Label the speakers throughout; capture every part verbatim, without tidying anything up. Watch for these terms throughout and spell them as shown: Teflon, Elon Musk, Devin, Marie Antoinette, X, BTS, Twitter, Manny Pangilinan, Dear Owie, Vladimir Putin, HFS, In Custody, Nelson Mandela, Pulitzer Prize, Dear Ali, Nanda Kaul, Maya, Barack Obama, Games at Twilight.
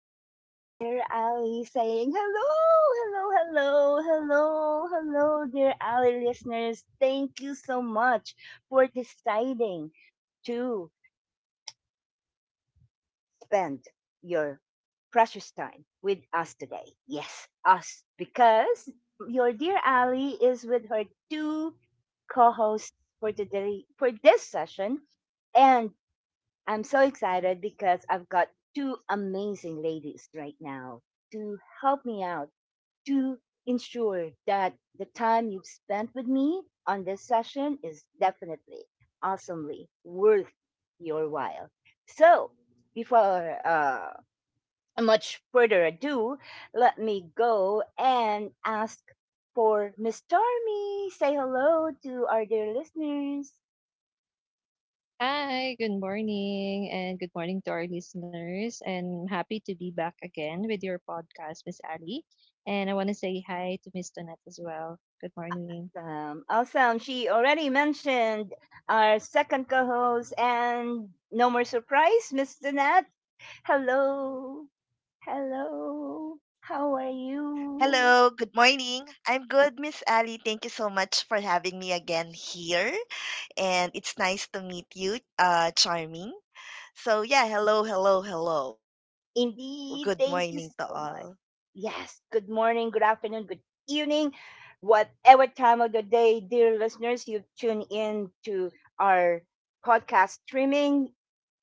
Speaker 1: this is your dear Ali saying hello, hello, hello, hello, hello, dear Ali listeners. Thank you so much for deciding to spend your precious time with us today. Yes, us, because your dear Ali is with her two co-hosts for today for this session, and I'm so excited because I've got two amazing ladies right now to help me out to ensure that the time you've spent with me on this session is definitely awesomely worth your while. So, before uh, much further ado, let me go and ask for Miss Stormy. Say hello to our dear listeners.
Speaker 2: Hi, good morning, and good morning to our listeners. And I'm happy to be back again with your podcast, Miss Ali. And I want to say hi to Miss Tonette as well. Good morning.
Speaker 1: Awesome. Awesome. She already mentioned our second co host, and no more surprise, mister Nat. Hello. Hello. How are
Speaker 3: Hello, good
Speaker 1: you?
Speaker 3: morning. I'm good, Miss Ali. Thank you so much for having me again here. And it's nice to meet you, uh, Charming. So, yeah, hello, hello, hello. Good morning to
Speaker 1: Indeed.
Speaker 3: all.
Speaker 1: Thank you so much. Yes. Good morning, good afternoon, good evening. Whatever time of the day, dear listeners, you tune in to our podcast streaming.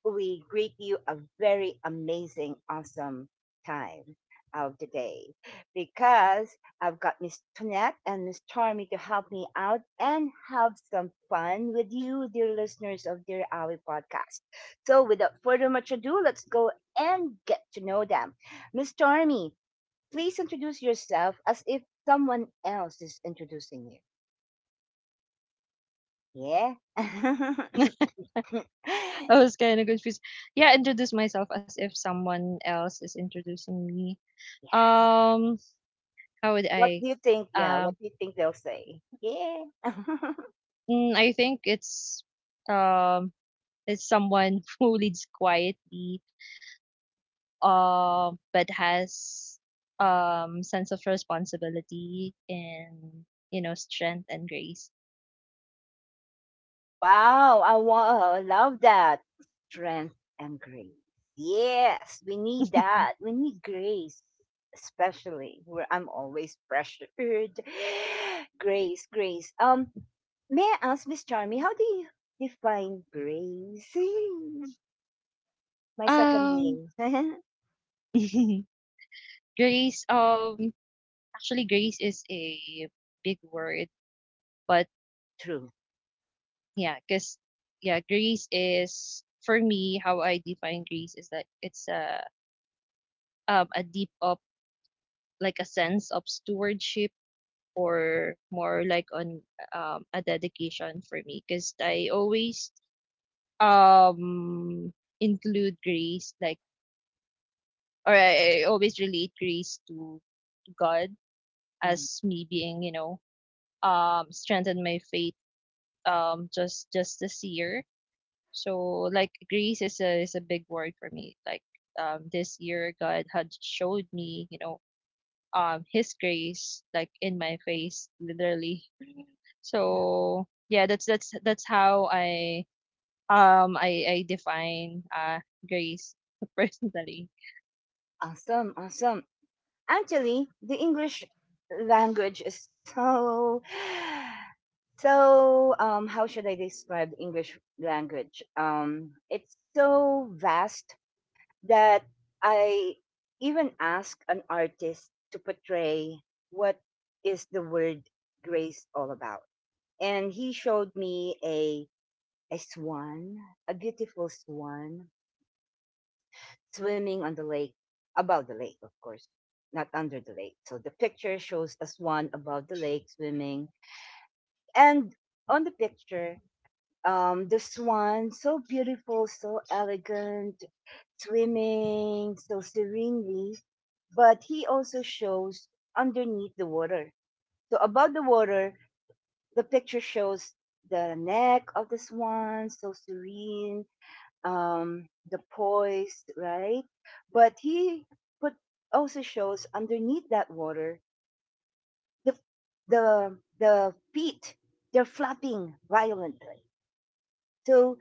Speaker 1: We greet you a very amazing, awesome time of the day because I've got Miss Tonette and Miss Charmy to help me out and have some fun with you, dear listeners of Dear Owie podcast. So, without further much ado, let's go and get to know them. Miss Stormy, please introduce yourself as if someone else is introducing you. Yeah? Yeah.
Speaker 2: I was kind of confused. Yeah, introduce myself as if someone else is introducing me. Um, how would
Speaker 1: What
Speaker 2: I?
Speaker 1: do you think? Yeah,
Speaker 2: Uh,
Speaker 1: what do you think they'll say? Yeah.
Speaker 2: mm, I think it's um, it's someone who leads quietly, uh, but has um sense of responsibility and you know strength and grace.
Speaker 1: Wow, I wa- love that. Strength and grace. Yes, we need that. We need grace, especially where I'm always pressured. Grace, grace. Um, may I ask Miss Charmy, how do you define grace? My second
Speaker 2: Um,
Speaker 1: name.
Speaker 2: grace. Um, actually, grace is a big word, but
Speaker 1: True.
Speaker 2: yeah, cause yeah, grace is for me, how I define grace is that it's a um a deep up, like a sense of stewardship, or more like on, um a dedication for me, cause I always, um include grace, like, or I, I always relate grace to, to God,
Speaker 1: Mm.
Speaker 2: as me being, you know um strengthened my faith, um just just this year. So, like, grace is a is a big word for me, like, um this year God had showed me, you know um his grace, like in my face, literally.
Speaker 1: Yeah.
Speaker 2: So yeah, that's that's that's how I um I I define uh grace, personally.
Speaker 1: Awesome, awesome. Actually, the English language is so so, um, how should I describe English language? Um, it's so vast that I even ask an artist to portray what is the word grace all about. And he showed me a a swan, a beautiful swan swimming on the lake, above the lake, of course, not under the lake. So the picture shows a swan above the lake swimming, and on the picture, um, the swan, so beautiful, so elegant, swimming so serenely, but he also shows underneath the water. So above the water, the picture shows the neck of the swan, so serene, um, the poise, right? But he put also shows underneath that water the the the feet they're flapping violently. So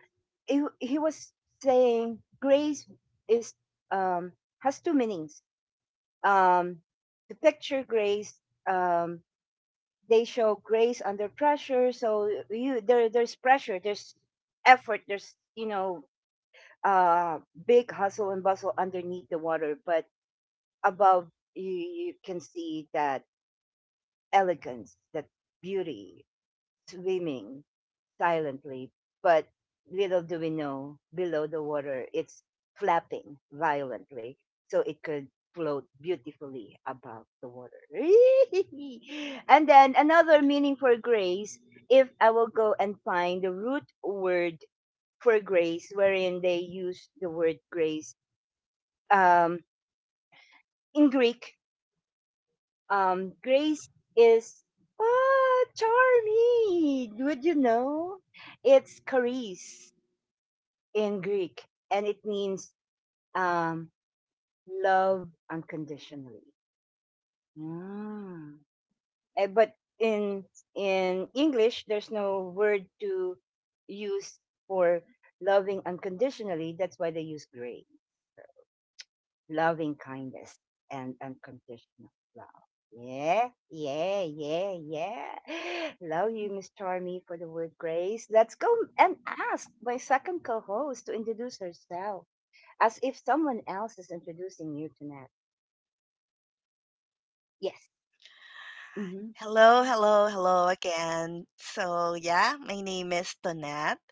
Speaker 1: he, he was saying grace is, um, has two meanings. Um, the picture grace, um, they show grace under pressure. So you there there's pressure, there's effort, there's you know uh, big hustle and bustle underneath the water, but above, you, you can see that elegance, that beauty swimming silently, but little do we know, below the water, it's flapping violently, so it could float beautifully above the water. And then another meaning for grace, if I will go and find the root word for grace, wherein they use the word grace. Um, in Greek, um, grace is, ah, Charming, would you know? It's charis in Greek, and it means, um, love unconditionally. Mm. Eh, But in in English, there's no word to use for loving unconditionally. That's why they use gray, loving kindness and unconditional love. Yeah, yeah, yeah, yeah. Love you, Miss Charmy, for the word grace. Let's go and ask my second co-host to introduce herself, as if someone else is introducing you to that. Yes. Hmm.
Speaker 3: Hello, hello, hello again. So, yeah, my name is Tonette.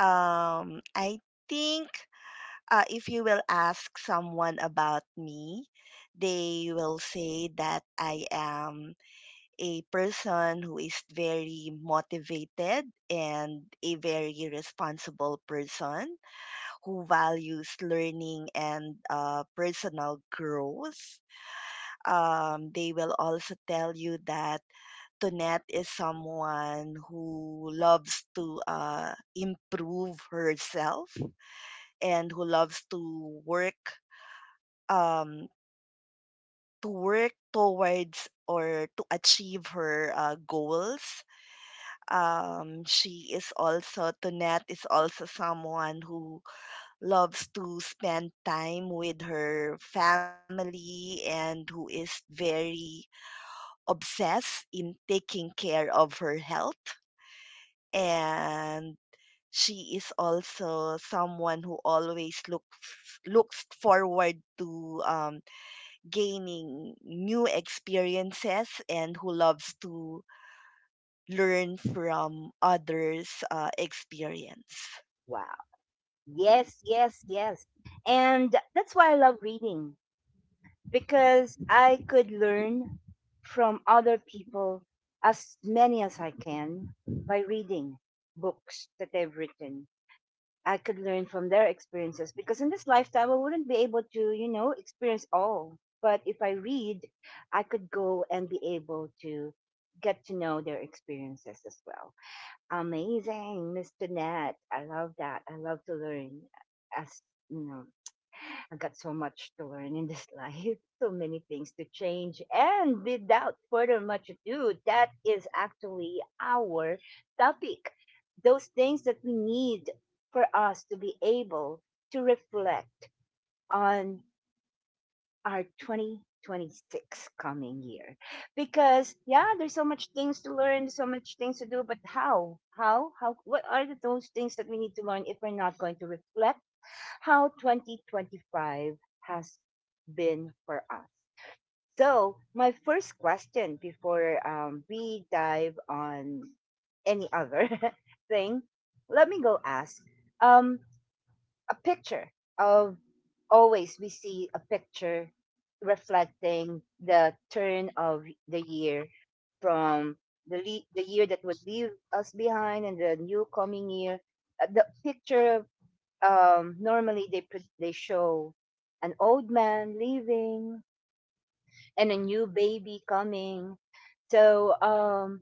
Speaker 3: Um, I think uh, if you will ask someone about me, they will say that I am a person who is very motivated and a very responsible person who values learning and uh, personal growth. Um, they will also tell you that Tonette is someone who loves to uh, improve herself and who loves to work um, to work towards or to achieve her uh, goals. um, she is also, Tonette is also someone who loves to spend time with her family and who is very obsessed in taking care of her health. And she is also someone who always looks looks forward to um, gaining new experiences and who loves to learn from others' uh, experience.
Speaker 1: Wow. Yes, yes, yes. And that's why I love reading because I could learn from other people as many as I can by reading books that they've written. I could learn from their experiences because in this lifetime I wouldn't be able to, you know, experience all. But if I read, I could go and be able to get to know their experiences as well. Amazing, mister Nat. I love that. I love to learn. As you know, I got so much to learn in this life, so many things to change. And without further much ado, that is actually our topic. Those things that we need for us to be able to reflect on our twenty twenty-six coming year, because yeah, there's so much things to learn, so much things to do, but how how how, what are the, those things that we need to learn if we're not going to reflect how twenty twenty-five has been for us. So my first question, before, um, we dive on any other thing, let me go ask, um a picture of, always we see a picture reflecting the turn of the year from the le- the year that would leave us behind and the new coming year. Uh, the picture, um normally, they pre- they show an old man leaving and a new baby coming. So um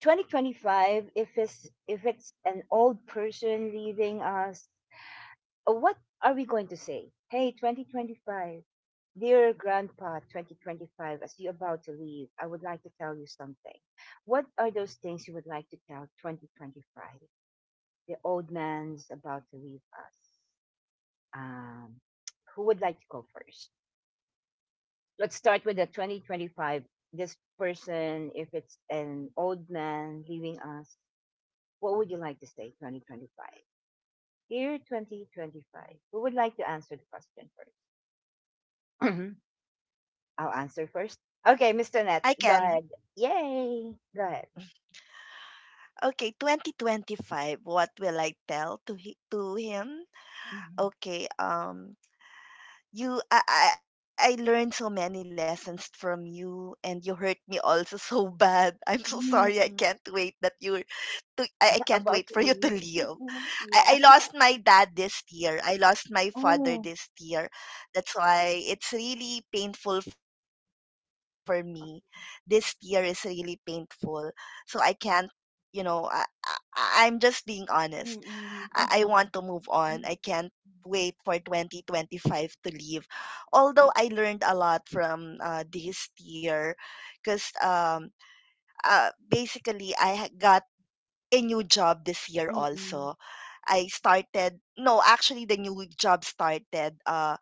Speaker 1: twenty twenty-five, if it's if it's an old person leaving us, what are we going to say? Hey, twenty twenty-five, dear grandpa twenty twenty-five, as you're about to leave, I would like to tell you something. What are those things you would like to tell twenty twenty-five? The old man's about to leave us. Um, who would like to go first? Let's start with the twenty twenty-five. This person, if it's an old man leaving us, what would you like to say, twenty twenty-five? Dear twenty twenty-five, who would like to answer the question first? I'll answer first. Okay,
Speaker 3: I
Speaker 1: mister Net,
Speaker 3: can.
Speaker 1: go ahead. Yay, go ahead.
Speaker 3: Okay, twenty twenty-five. What will I tell to he, to him?
Speaker 1: Mhm.
Speaker 3: Okay, um you I, I I learned so many lessons from you and you hurt me also so bad. I'm so
Speaker 1: Mm,
Speaker 3: sorry. I
Speaker 1: mm.
Speaker 3: can't wait that you to I, I can't
Speaker 1: About to
Speaker 3: wait for you
Speaker 1: leave.
Speaker 3: to leave.
Speaker 1: Yeah.
Speaker 3: I, I lost my dad this year. I lost my
Speaker 1: Oh.
Speaker 3: father this year. That's why it's really painful for me. This year is really painful. So I can't, you know, I, I, I'm just being honest. I, I want to
Speaker 1: Mm-mm,
Speaker 3: move
Speaker 1: mm-mm,
Speaker 3: on. I can't
Speaker 1: mm-mm,
Speaker 3: wait for twenty twenty-five to leave. Although I learned a lot from uh, this year because um, uh, basically I ha- got a new job this year also.
Speaker 1: mm-mm,
Speaker 3: I started no, actually the new job started uh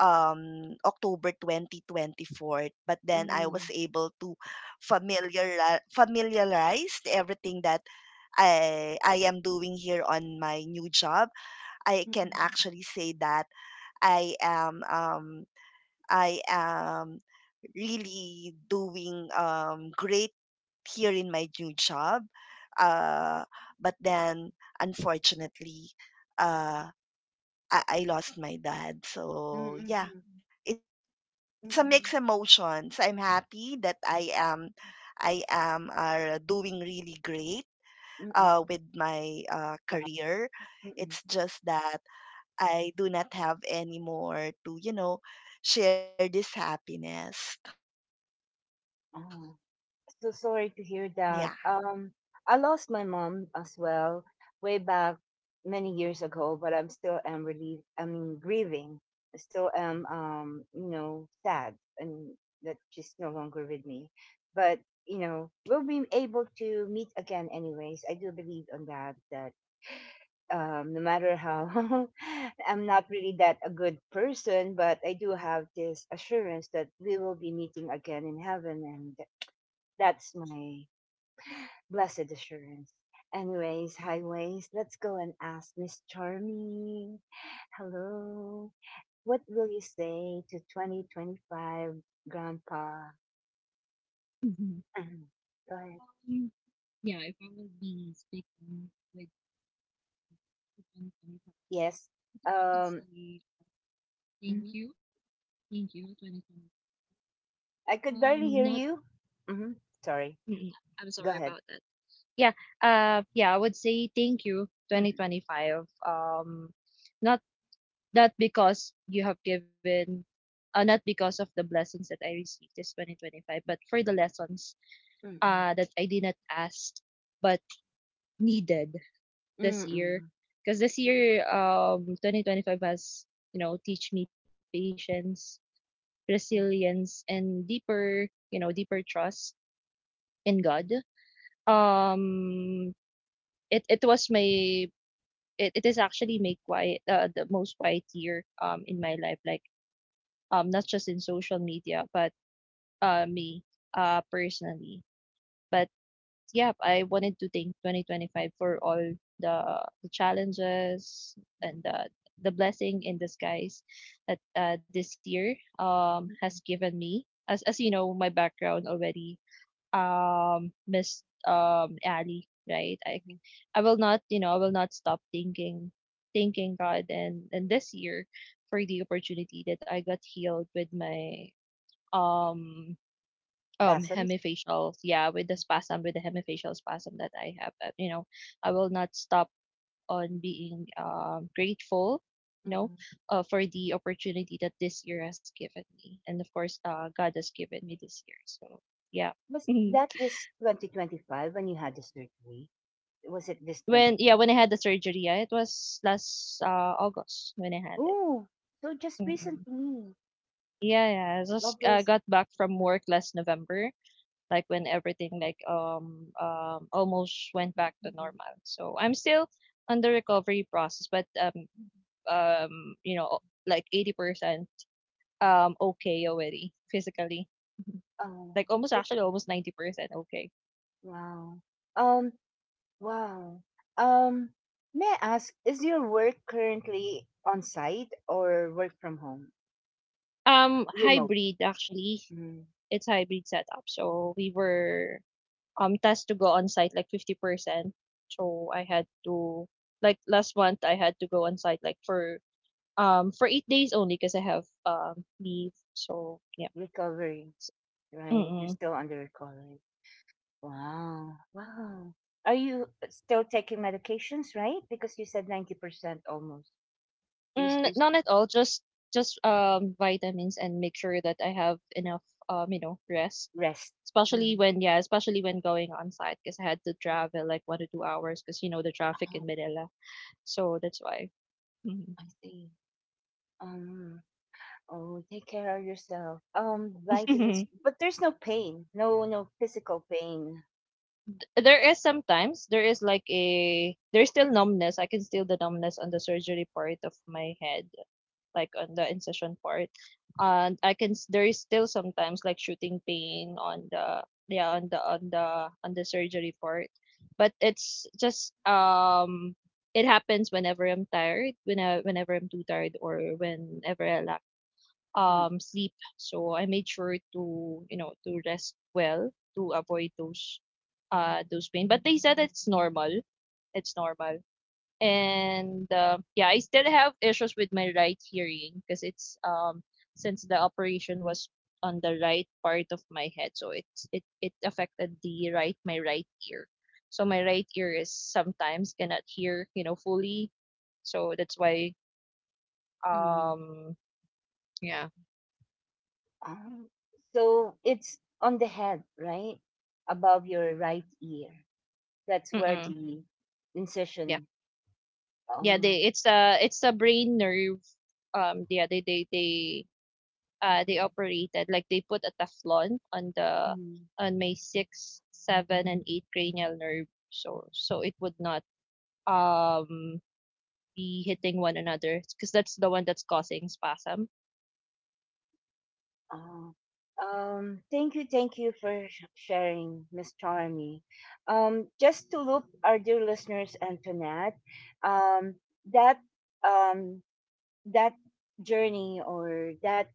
Speaker 3: um October twenty twenty-four, but then
Speaker 1: mm-mm,
Speaker 3: I was able to familiar familiarize everything that I I am doing here on my new job. I can
Speaker 1: mm-mm,
Speaker 3: actually say that I am um I am really doing um great here in my new job. Uh, but then, unfortunately, uh, I, I lost my dad.
Speaker 1: mm-mm,
Speaker 3: So yeah, it's a
Speaker 1: mm-mm,
Speaker 3: mixed emotions. I'm happy that I am, I am are doing really great
Speaker 1: mm-mm,
Speaker 3: uh, with my
Speaker 1: yeah,
Speaker 3: uh, career.
Speaker 1: mm-mm.
Speaker 3: It's just that I do not have any more to you know share this happiness.
Speaker 1: Oh, so
Speaker 3: Yeah,
Speaker 1: sorry to hear that. Um, I lost my mom as well way back many years ago, but I'm still am relieved. I mean, grieving. I still am, um, you know, sad, and that she's no longer with me. But you know, we'll be able to meet again, anyways. I do believe on that. That, um, no matter how I'm not really that a good person, but I do have this assurance that we will be meeting again in heaven, and that's my blessed assurance. Anyways, highways, let's go and ask Miss Charming. Hello. What will you say to twenty twenty-five Grandpa?
Speaker 2: Mhm.
Speaker 1: Go ahead.
Speaker 2: Um, yeah, if I would be speaking with people twenty twenty-five,
Speaker 1: Yes.
Speaker 2: I think I would
Speaker 1: Um,
Speaker 2: say, uh, thank
Speaker 1: mhm.
Speaker 2: you, thank you, twenty twenty.
Speaker 1: I could barely
Speaker 2: Um,
Speaker 1: hear
Speaker 2: not,
Speaker 1: you. hmm Sorry.
Speaker 2: mm, I'm
Speaker 1: Go
Speaker 2: sorry
Speaker 1: ahead.
Speaker 2: about that. Yeah, uh, yeah, I would say thank you,
Speaker 1: Mm-mm.
Speaker 2: twenty twenty-five. Um, not not because you have given, uh, not because of the blessings that I received this twenty twenty-five, but for the lessons
Speaker 1: Mm-mm.
Speaker 2: uh that I did not ask but needed this year,
Speaker 1: Mm-mm.
Speaker 2: because this year, um twenty twenty-five has, you know teach me patience, resilience, and deeper, you know deeper trust in God. Um it it was my it, it is actually my quiet uh, the most quiet year, um in my life, like, um not just in social media, but, uh me, uh personally. But yep, I wanted to thank twenty twenty-five for all the, the challenges and the, the blessing in disguise that, uh, this year, um, has given me. As, as you know, my background already, um, Miss um, Ali, right? I, I will not, you know, I will not stop thanking, thanking God, and, and this year, for the opportunity that I got healed with my um um
Speaker 1: That's a mis-
Speaker 2: hemifacials, yeah, with the spasm with the hemifacial spasm that I have. uh, you know I will not stop on being um grateful, you know
Speaker 1: mm-mm.
Speaker 2: uh, for the opportunity that this year has given me, and of course uh God has given me this year. So yeah.
Speaker 1: Was
Speaker 2: Mhm.
Speaker 1: that this twenty twenty-five when you had the surgery? Was it this
Speaker 2: when Yeah, when I
Speaker 1: twenty twenty-five?
Speaker 2: had the surgery, yeah, it was last uh August when I had it.
Speaker 1: Oh, so just
Speaker 2: Mhm.
Speaker 1: recently,
Speaker 2: yeah yeah I just, uh,
Speaker 1: August.
Speaker 2: got back from work last November, like when everything, like, um um almost went back to
Speaker 1: mm
Speaker 2: normal. So I'm still on the recovery process, but, um um you know like eighty percent um okay already, physically.
Speaker 1: Oh,
Speaker 2: Like almost,
Speaker 1: that's
Speaker 2: actually almost ninety percent okay.
Speaker 1: wow. Um, wow. Um, may I ask, is your work currently on site or work from home?
Speaker 2: Um
Speaker 1: Remote.
Speaker 2: hybrid, actually.
Speaker 1: Mm,
Speaker 2: It's hybrid setup. So we were um tasked to go on site like fifty percent. So I had to, like last month I had to go on site, like, for Um, for eight days only because I have um leave. So yeah.
Speaker 1: Recovery,
Speaker 2: S-
Speaker 1: right? You're
Speaker 2: Mm-mm.
Speaker 1: still under recovery. Wow. Wow. Are you still taking medications, right? Because you said ninety percent almost. You, s-
Speaker 2: Mm,
Speaker 1: you s-
Speaker 2: none at all. Just just um vitamins, and make sure that I have enough, um you know rest.
Speaker 1: Rest.
Speaker 2: Especially
Speaker 1: Mm.
Speaker 2: when yeah, especially when going on site, because I had to travel like one to two hours because you know the traffic
Speaker 1: Oh,
Speaker 2: in Manila. So that's why. Mhm.
Speaker 1: I see. Um, Oh, take care of yourself. Um, vitamins, but there's no pain, no no physical pain.
Speaker 2: there is sometimes, there is like a there's still numbness. I can feel the numbness on the surgery part of my head, like on the incision part. And I can s- there is still sometimes, like, shooting pain on the, yeah on the on the on the surgery part, but, it's just um it happens whenever I'm tired, when I, whenever I'm too tired, or whenever I lack
Speaker 1: Sleep.
Speaker 2: um sleep. So I made sure to, you know to rest well, to avoid those uh those pain. But they said it's normal. It's normal, and, uh, yeah, I still have issues with my right hearing, because, it's um since the operation was on the right part of my head, so it's it it affected the right my right ear, so my right ear is sometimes cannot hear, you know fully. So that's why
Speaker 1: Mm.
Speaker 2: um yeah.
Speaker 1: Um, so it's on the head, right, above your right ear. That's where
Speaker 2: Mm.
Speaker 1: the
Speaker 2: yeah
Speaker 1: incision.
Speaker 2: yeah they
Speaker 1: Um,
Speaker 2: it's a it's a brain nerve. Um yeah, they they they uh, they operated, like, they put a Teflon on the
Speaker 1: Mm.
Speaker 2: on my sixth, seven, and eight cranial nerve, so so it would not um be hitting one another because that's the one that's causing spasm.
Speaker 1: uh, um, thank you, thank you for sh- sharing, Miss Charmy. Um, just to loop our dear listeners, Antoinette, um, that, um that journey, or that,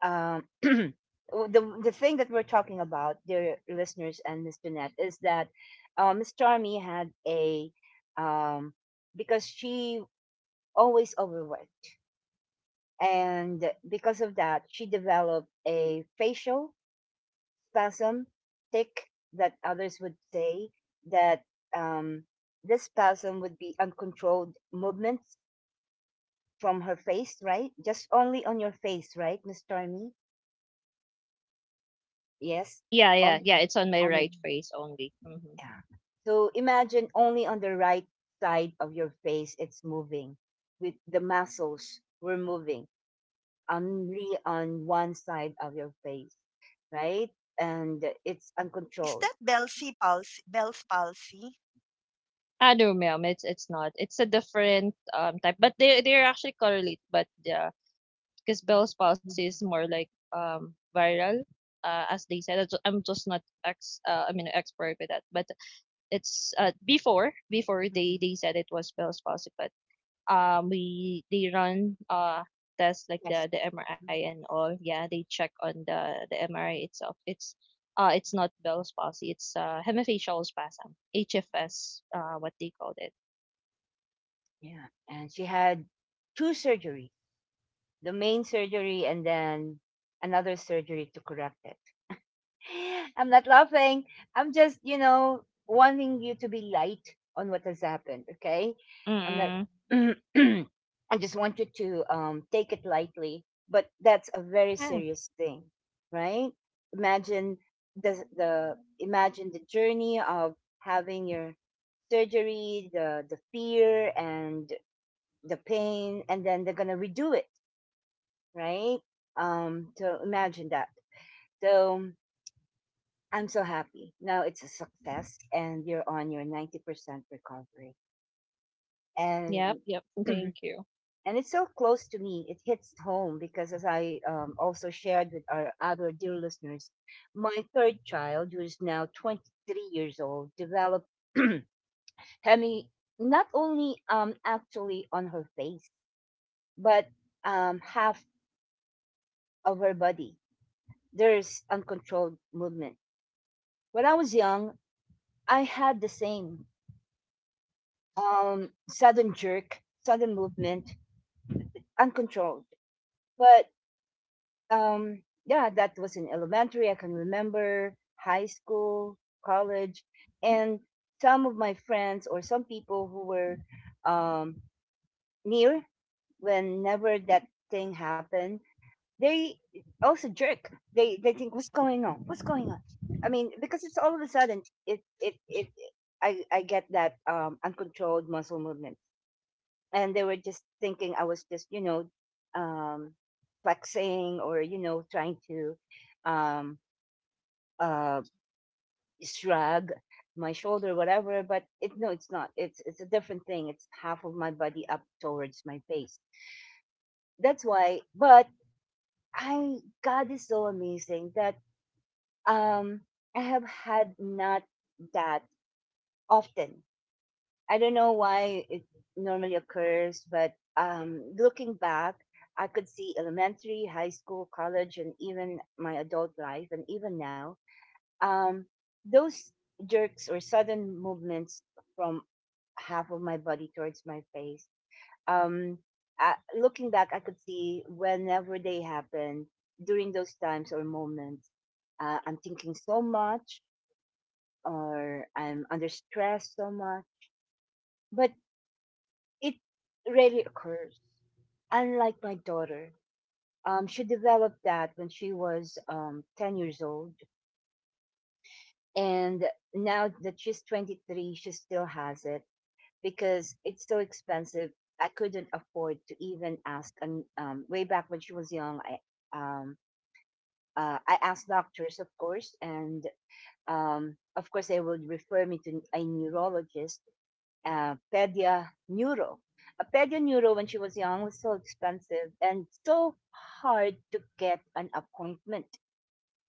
Speaker 1: um, the the thing that we're talking about, dear listeners and Miss Jeanette, is that, uh, Miss Charmy had a, um, because she always overworked, and because of that, she developed a facial spasm tick that others would say that, um, this spasm would be uncontrolled movements from her face, right? Just only on your face, right, Miss Charmy? Yes,
Speaker 2: Yeah,
Speaker 1: on
Speaker 2: yeah, yeah. It's on my
Speaker 1: on it.
Speaker 2: right face only. Mm-hmm.
Speaker 1: Yeah. So imagine only on the right side of your face it's moving. With the muscles were moving only on one side of your face, right? And it's
Speaker 3: is that Bell's
Speaker 1: uncontrolled.
Speaker 3: palsy? Bell's palsy?
Speaker 2: Ah, no, ma'am. It's it's not. It's a different, um type, but they they're actually correlate. But yeah, because Bell's palsy is more like, um viral. Uh, as they said, I'm ju- I'm just not ex. Uh, I mean, expert with that, but, it's, uh, before before they
Speaker 1: Mm-hmm.
Speaker 2: they said it was Bell's palsy, but, um we they run uh tests, like the
Speaker 1: Yes.
Speaker 2: the M R I
Speaker 1: Mhm.
Speaker 2: and all. Yeah, they check on the the M R I itself. It's uh it's not Bell's palsy. It's uh hemifacial spasm, H F S. Uh, what they called it.
Speaker 1: Yeah. And she had two surgeries, the main surgery and then another surgery to correct it. I'm not laughing. I'm just, you know, wanting you to be light on what has happened. Okay. I'm not,
Speaker 2: Mm.
Speaker 1: I just want you to, um, take it lightly, but that's a very
Speaker 2: Yeah.
Speaker 1: serious thing, right? Imagine the, the, Imagine the journey of having your surgery, the, the fear and the pain, and then they're going to redo it, right? Um, so imagine that. So, I'm so happy. Now it's a success and you're on your ninety percent recovery. And
Speaker 2: Yep. Yep. Thank
Speaker 1: and
Speaker 2: you.
Speaker 1: it's so close to me. It hits home because as I, um, also shared with our other dear listeners, my third child, who is now twenty-three years old, developed hemi not only, um actually on her face, but, um half of her body. There's uncontrolled movement. When I was young, I had the same, um, sudden jerk, sudden movement, uncontrolled. But, um, yeah, that was in elementary. I can remember high school, college, and some of my friends or some people who were, um, near whenever that thing happened, they also jerk. They they think, what's going on? What's going on? I mean, because it's all of a sudden, it it it. I, I get that, um, uncontrolled muscle movement. And they were just thinking I was just you know um, flexing or you know trying to um, uh, shrug my shoulder, whatever. But it, no, it's not, it's it's a different thing. It's half of my body up towards my face. That's why. But I, God is so amazing that um I have had not that often. I don't know why it normally occurs, but um, looking back, I could see elementary, high school, college, and even my adult life, and even now, um, those jerks or sudden movements from half of my body towards my face. Um, I, Looking back, I could see whenever they happen during those times or moments, uh, I'm thinking so much, or I'm under stress so much. But it rarely occurs. Unlike my daughter, um, she developed that when she was um, 10 years old. And now that she's 23, she still has it because it's so expensive. I couldn't afford to even ask. And um, way back when she was young, I, um, uh, I asked doctors, of course, and um, of course, they would refer me to a neurologist, uh, Pedia Neuro. A Pedia Neuro, when she was young, was so expensive and so hard to get an appointment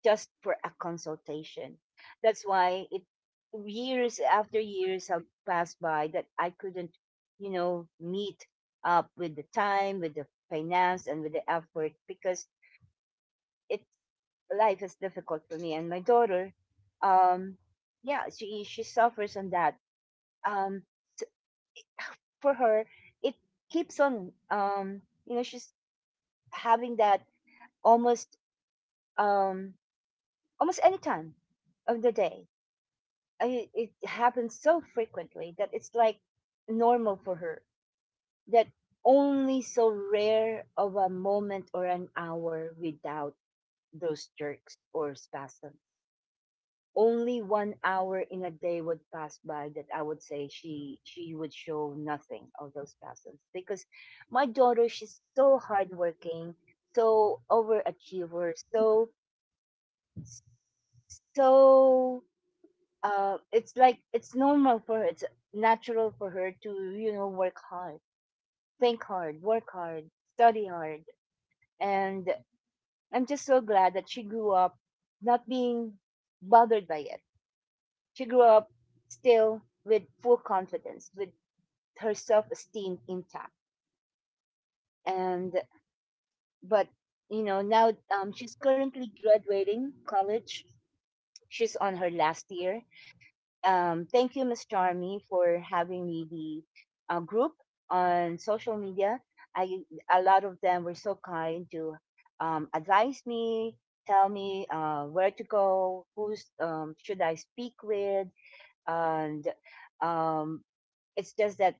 Speaker 1: just for a consultation. That's why it years after years have passed by that I couldn't, you know, meet up with the time, with the finance, and with the effort because it life is difficult for me and my daughter. Um, yeah, she she suffers on that. Um, for her, it keeps on, um you know she's having that almost, um almost any time of the day. I It happens so frequently that it's like normal for her, that only so rare of a moment or an hour without those jerks or spasms. Only one hour in a day would pass by that I would say she she would show nothing of those passions, because my daughter, she's so hardworking, so overachiever, so so uh, it's like it's normal for her, it's natural for her to you know work hard, think hard, work hard, study hard, and I'm just so glad that she grew up not being bothered by it. She grew up still with full confidence, with her self-esteem intact. And but you know now um, she's currently graduating college. She's on her last year. Um, thank you, Miss Charmy, for having me the uh, group on social media. I A lot of them were so kind to um, advise me, tell me uh, where to go, who's, um, should I speak with, and um, it's just that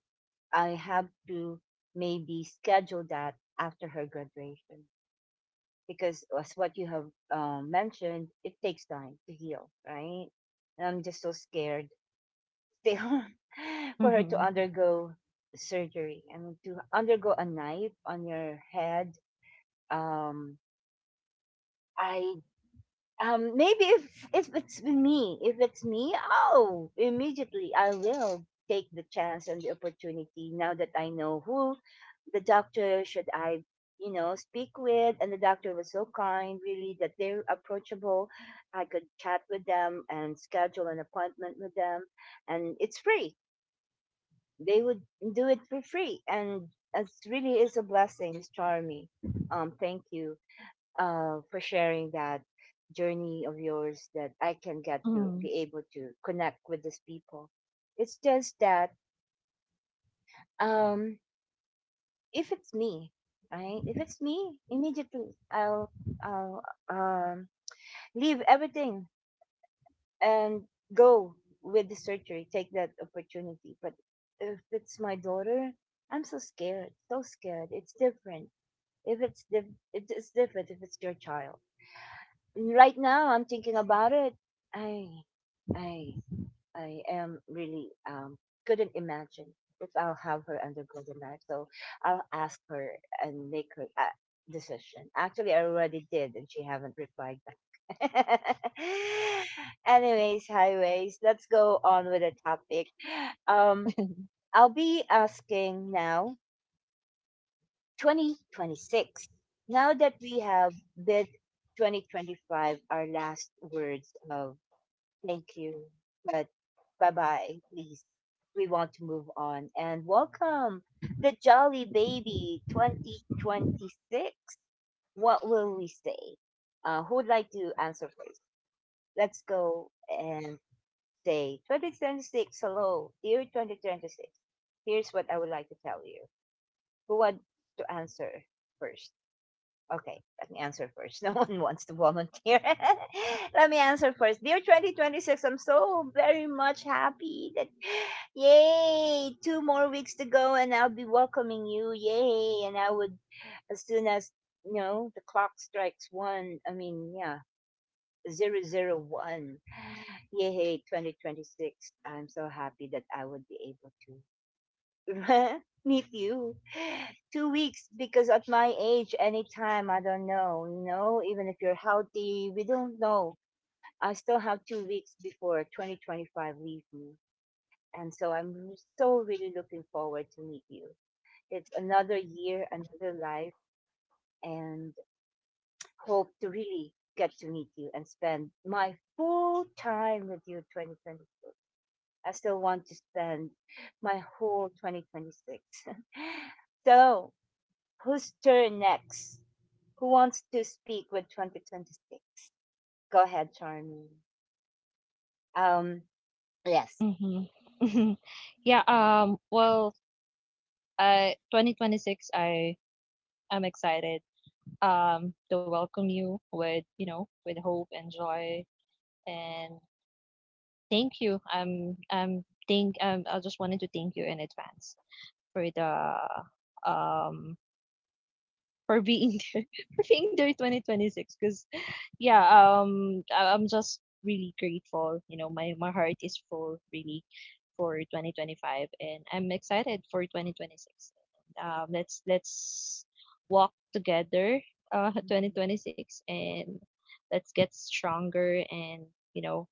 Speaker 1: I have to maybe schedule that after her graduation because as what you have um, mentioned, it takes time to heal, right? And I'm just so scared still for her to
Speaker 2: Mhm.
Speaker 1: undergo surgery and to undergo a knife on your head. Um, I Um, maybe if if it's me, if it's me, oh, immediately I will take the chance and the opportunity now that I know who the doctor should I, you know, speak with. And the doctor was so kind, really, that they're approachable. I could chat with them and schedule an appointment with them, and it's free. They would do it for free, and it really is a blessing, Charmy. Um, thank you uh, for sharing that journey of yours, that I can get to
Speaker 2: Mhm.
Speaker 1: be able to connect with these people. It's just that, um, if it's me, right? If it's me, immediately I'll, I'll um, leave everything and go with the surgery, take that opportunity. But if it's my daughter, I'm so scared, so scared. It's different. If it's diff- it's different, if it's your child. And right now, I'm thinking about it. I I I am really um couldn't imagine if I'll have her undergo the knife. So I'll ask her and make her uh, decision. Actually, I already did, and she haven't replied back. Anyways, highways. Let's go on with the topic. Um, I'll be asking now. Twenty twenty six. Now that we have bid twenty twenty five, our last words of thank you. But bye bye, please. We want to move on and welcome the Jolly Baby twenty twenty-six. What will we say? Uh, who would like to answer first? Let's go and say twenty twenty-six. Hello, dear twenty twenty-six. Here's what I would like to tell you. Who wants to answer first? Okay, let me answer first. No one wants to volunteer. Let me answer first. Dear twenty twenty-six, I'm so very much happy that, yay, two more weeks to go and I'll be welcoming you. Yay. And I would, as soon as, you know, the clock strikes one, I mean, yeah, zero zero one. Yay, twenty twenty-six. I'm so happy that I would be able to. Me too. Two weeks, because at my age, anytime, I don't know. You know, even if you're healthy, we don't know. I still have two weeks before twenty twenty-five leave me. And so I'm so really looking forward to meet you. It's another year, another life, and hope to really get to meet you and spend my full time with you, twenty twenty-six. I still want to spend my whole twenty twenty-six. So, whose turn next? Who wants to speak with twenty twenty-six? Go ahead, Charmy. Um, yes.
Speaker 2: Mhm. yeah. Um. Well. Uh. twenty twenty-six. I. I'm excited, um, to welcome you, with you know with hope and joy. And thank you. Um, um, thank um, I just wanted to thank you in advance for the, um for being there, for being there, twenty twenty-six, because, yeah um I- I'm just really grateful, you know, my my heart is full, really, for twenty twenty-five, and I'm excited for twenty twenty-six. Um let's let's walk together, uh
Speaker 1: Mm-hmm.
Speaker 2: twenty twenty-six, and let's get stronger, and, you know,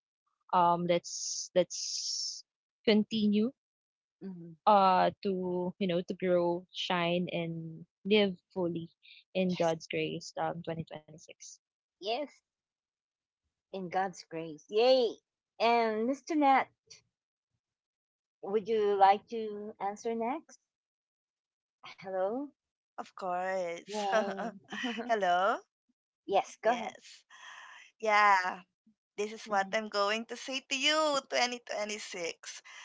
Speaker 2: um let's let's continue,
Speaker 1: Mm-hmm.
Speaker 2: uh to, you know to grow, shine, and live fully in
Speaker 1: Yes.
Speaker 2: God's grace, um twenty twenty-six.
Speaker 1: Yes. In God's grace. Yay. And Mister Nat, would you like to answer next? Hello?
Speaker 3: Of course.
Speaker 1: Yay.
Speaker 3: Hello?
Speaker 1: Yes, go
Speaker 3: Yes.
Speaker 1: ahead.
Speaker 3: Yeah. This is what I'm
Speaker 1: Mhm,
Speaker 3: going to say to you, twenty twenty-six.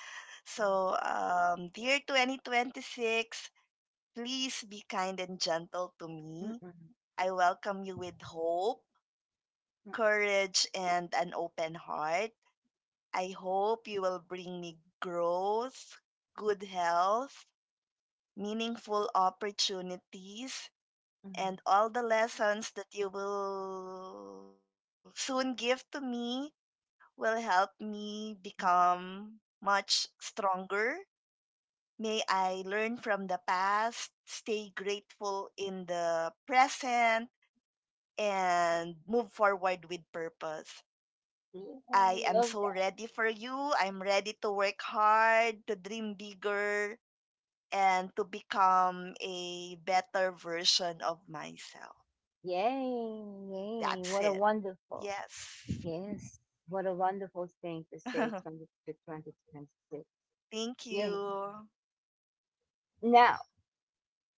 Speaker 3: So,
Speaker 1: mhm,
Speaker 3: um, dear twenty twenty-six, please be kind and gentle to me.
Speaker 1: mhm,
Speaker 3: I welcome you with hope,
Speaker 1: mhm,
Speaker 3: courage, and an open heart. I hope you will bring me growth, good health, meaningful opportunities,
Speaker 1: mhm,
Speaker 3: and all the lessons that you will soon give to me will help me
Speaker 1: mhm.
Speaker 3: become much stronger. May I learn from the past, stay grateful in the present, and move forward with purpose.
Speaker 1: Yeah, I
Speaker 3: I am
Speaker 1: love
Speaker 3: so
Speaker 1: that.
Speaker 3: ready for you. I'm ready to work hard, to dream bigger, and to become a better version of myself.
Speaker 1: Yay. Yay.
Speaker 3: That's
Speaker 1: What a
Speaker 3: it.
Speaker 1: wonderful.
Speaker 3: Yes.
Speaker 1: Yes, what a wonderful thing to say twenty, to twenty twenty-six.
Speaker 3: Thank
Speaker 1: Yeah.
Speaker 3: you.
Speaker 1: Now,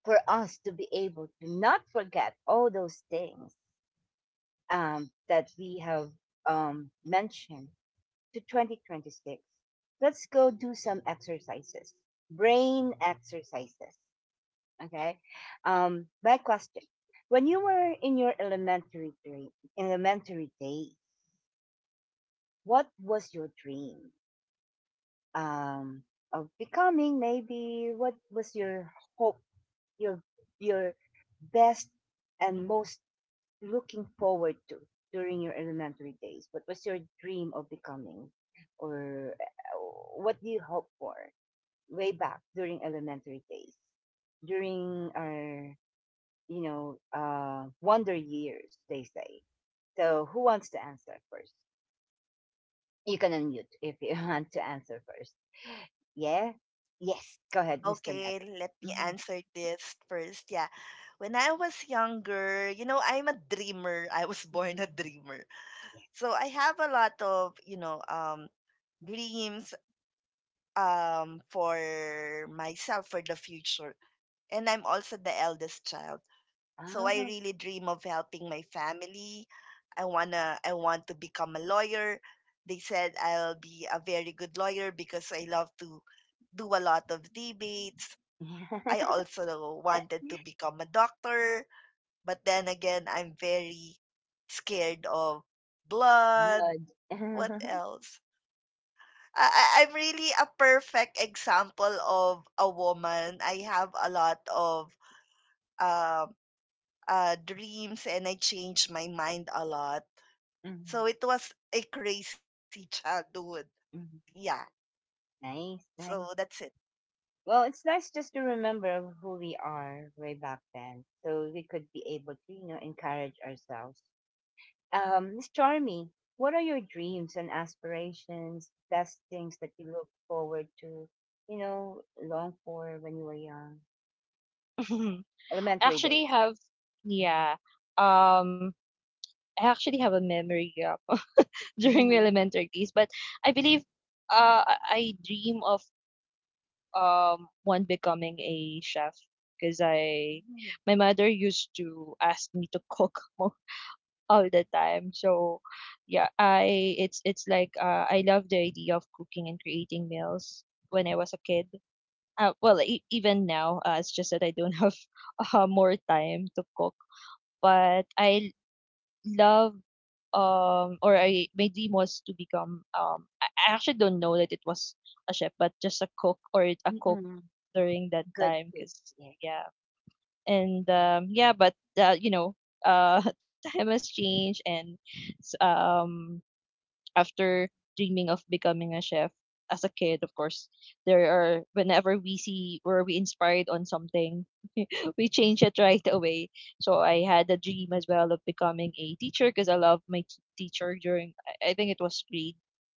Speaker 1: for us to be able to not forget all those things um, that we have um, mentioned to twenty twenty-six, let's go do some exercises, brain exercises. Okay. Um, my question, when you were in your elementary, dream, elementary days, what was your dream? um of becoming, maybe what was your hope, your your best and most looking forward to during your elementary days? What was your dream of becoming, or uh, what do you hope for way back during elementary days, during our, you know uh wonder years, they say? So who wants to answer first? You can unmute if you want to answer first. Yeah. Yes. Go ahead, Mister Ned.
Speaker 3: Okay, let me
Speaker 1: Mhm,
Speaker 3: answer this first. Yeah. When I was younger, you know, I'm a dreamer. I was born a
Speaker 1: mhm.
Speaker 3: dreamer. So I have a lot of, you know, um dreams um for myself for the future. And I'm also the eldest child. So I
Speaker 1: Ah.
Speaker 3: really dream of helping my family. I wanna I want to become a lawyer. They said I'll be a very good lawyer because I love to do a lot of debates. I also wanted to become a doctor, but then again I'm very scared of blood.
Speaker 1: Good.
Speaker 3: What else? I, I- I'm really a perfect example of a woman. I have a lot of uh, uh, dreams and I changed my mind a lot.
Speaker 1: Mhm,
Speaker 3: So it was a crazy childhood. Yeah.
Speaker 1: mhm. Nice,
Speaker 3: So
Speaker 1: nice.
Speaker 3: that's it.
Speaker 1: Well, it's nice just to remember who we are way back then, so we could be able to, you know, encourage ourselves. Um, Miss Charmy, what are your dreams and aspirations, best things that you look forward to, you know, long for when you were young,
Speaker 2: i
Speaker 1: elementary
Speaker 2: actually
Speaker 1: days?
Speaker 2: have yeah um I actually have a memory gap during my elementary days, but I believe, uh i I dream of, um want becoming a chef, because I my mother used to ask me to cook mo- all the time. So yeah, I it's it's like, uh, I love the idea of cooking and creating meals when I was a kid. Uh, well, e- even now, uh, it's just that I don't have uh, more time to cook. But I love um or I my dream was to become, um I I actually don't know that it was a chef, but just a cook, or a cook
Speaker 1: Mhm.
Speaker 2: during that
Speaker 1: Good
Speaker 2: time,
Speaker 1: food.
Speaker 2: because
Speaker 1: Yeah.
Speaker 2: yeah. And, um yeah, but, uh, you know uh time has changed, and, s- um after dreaming of becoming a chef as a kid, of course, there are, whenever we see or we inspired on something, we change it right away. So I had a dream as well of becoming a teacher, because I loved my t- teacher during, I I think it was grade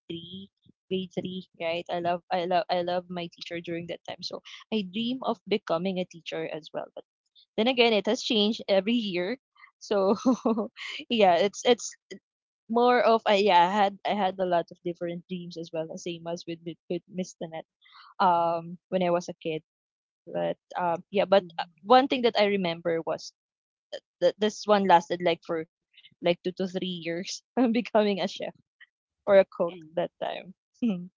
Speaker 2: three, grade three, right? I love I love I love my teacher during that time. So I dream of becoming a teacher as well. But then again, it has changed every year. So yeah, it's it's more of, I yeah I had I had a lot of different dreams as well, same as with with, with Miss Tanet, um when I was a kid. But, um yeah, but, uh,
Speaker 1: Mhm.
Speaker 2: one thing that I remember was that this one lasted like, for like two to three years. I'm becoming a chef or a cook
Speaker 1: And
Speaker 2: that time. Hmm.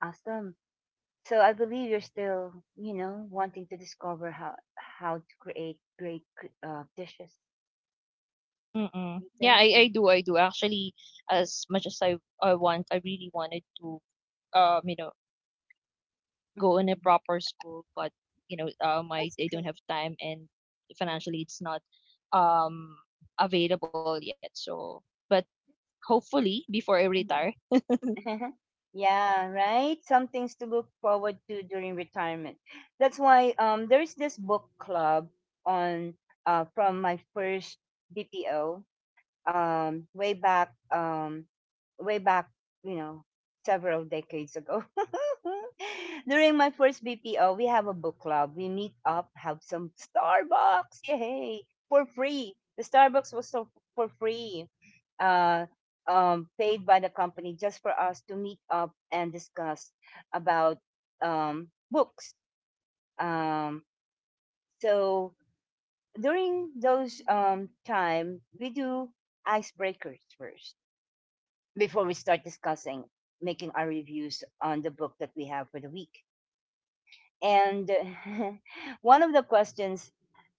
Speaker 1: awesome. So I believe you're still, you know, wanting to discover how how to create great cr- uh, dishes.
Speaker 2: Mm-mm.
Speaker 1: You
Speaker 2: Yeah,
Speaker 1: think?
Speaker 2: I, I
Speaker 1: Mm-hmm.
Speaker 2: do i do actually. As much as i i want, I really wanted to, um you know go in a
Speaker 1: Mm-hmm.
Speaker 2: proper school, but, you know um i,
Speaker 1: It's
Speaker 2: I
Speaker 1: okay.
Speaker 2: don't have time, and financially it's not um available yet, so. But hopefully before I retire.
Speaker 1: It's okay. Mhm. Yeah, right. Some things to look forward to during retirement. That's why um there is this book club on uh from my first B P O, um way back um way back, you know, several decades ago. During my first BPO, we have a book club. We meet up, have some Starbucks, yay, for free. The Starbucks was so for free, uh um paid by the company, just for us to meet up and discuss about um books. Um so during those um time, we do icebreakers first before we start discussing, making our reviews on the book that we have for the week. And one of the questions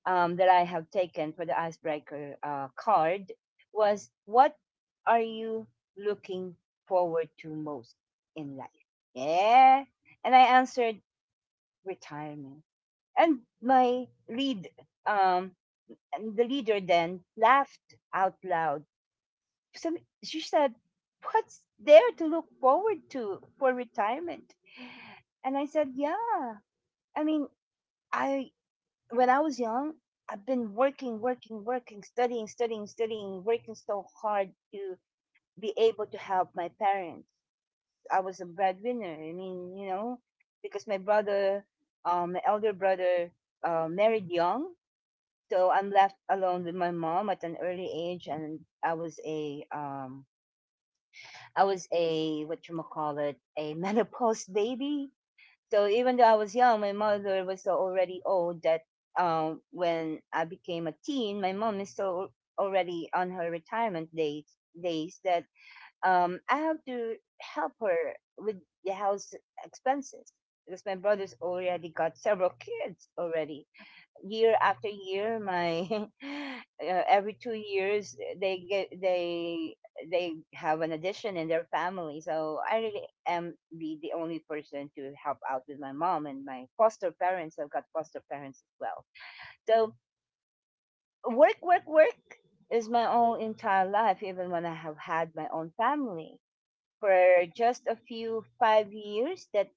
Speaker 1: um, that I have taken for the icebreaker uh, card was, what are you looking forward to most in life? Yeah. And I answered, retirement. And my lead, um, and the leader then laughed out loud some she said, what's there to look forward to for retirement? And I said, yeah, I mean, I when I was young, I've been working, working, working, studying, studying, studying, working so hard to be able to help my parents. I was a breadwinner. I mean, you know, because my brother, um, my elder brother, uh, married young, so I'm left alone with my mom at an early age, and I was a um, I was a, what you call it, a menopause baby. So even though I was young, my mother was so already old that um, when I became a teen, my mom is so already on her retirement days. Days that um, I have to help her with the house expenses, because my brother's already got several kids already, year after year. My uh, every two years they get, they they have an addition in their family. So I really am the, the only person to help out with my mom and my foster parents. I've got foster parents as well. So work, work, work is my own entire life. Even when I have had my own family for just a few five years, that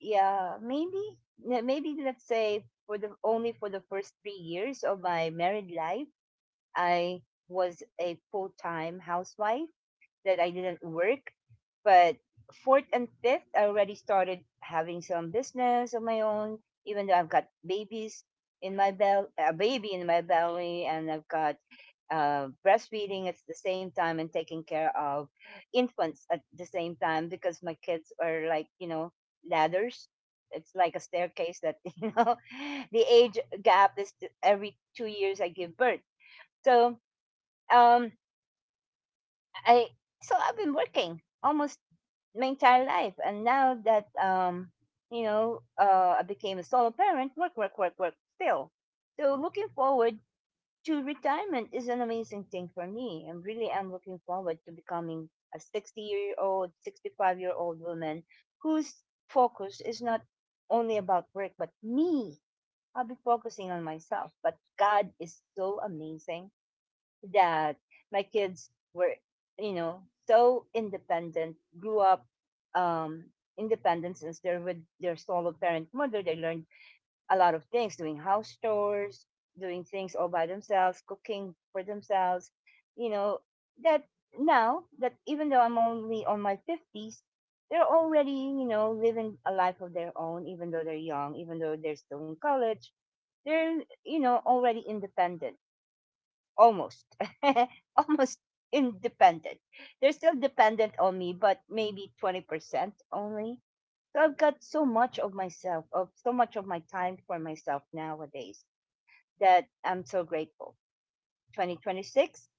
Speaker 1: yeah, maybe n- maybe let's say for the, only for the first three years of my married life, I was a full time housewife, that I didn't work. But fourth and fifth, I already started having some business of my own, even though I've got babies in my belly, a baby in my belly, and I've got uh, breastfeeding at the same time and taking care of infants at the same time because my kids are like, you know, ladders. It's like a staircase that, you know, the age gap is t- every two years I give birth. So, um, I, so I've been working almost my entire life. And now that um, you know, uh, I became a solo parent. Work, work, work, work still. So looking forward to retirement is an amazing thing for me. And really am looking forward to becoming a sixty year old, sixty five year old woman whose focus is not only about work but me. I'll be focusing on myself. But God is so amazing that my kids were, you know, so independent, grew up um, independent since they're with their solo parent mother. They learned a lot of things doing house chores, doing things all by themselves, cooking for themselves, you know, that now that even though I'm only on my fifties, they're already, you know, living a life of their own, even though they're young, even though they're still in college. They're, you know, already independent, almost almost independent. They're still dependent on me, but maybe twenty percent only. So I've got so much of myself, of so much of my time for myself nowadays, that I'm so grateful. twenty twenty-six,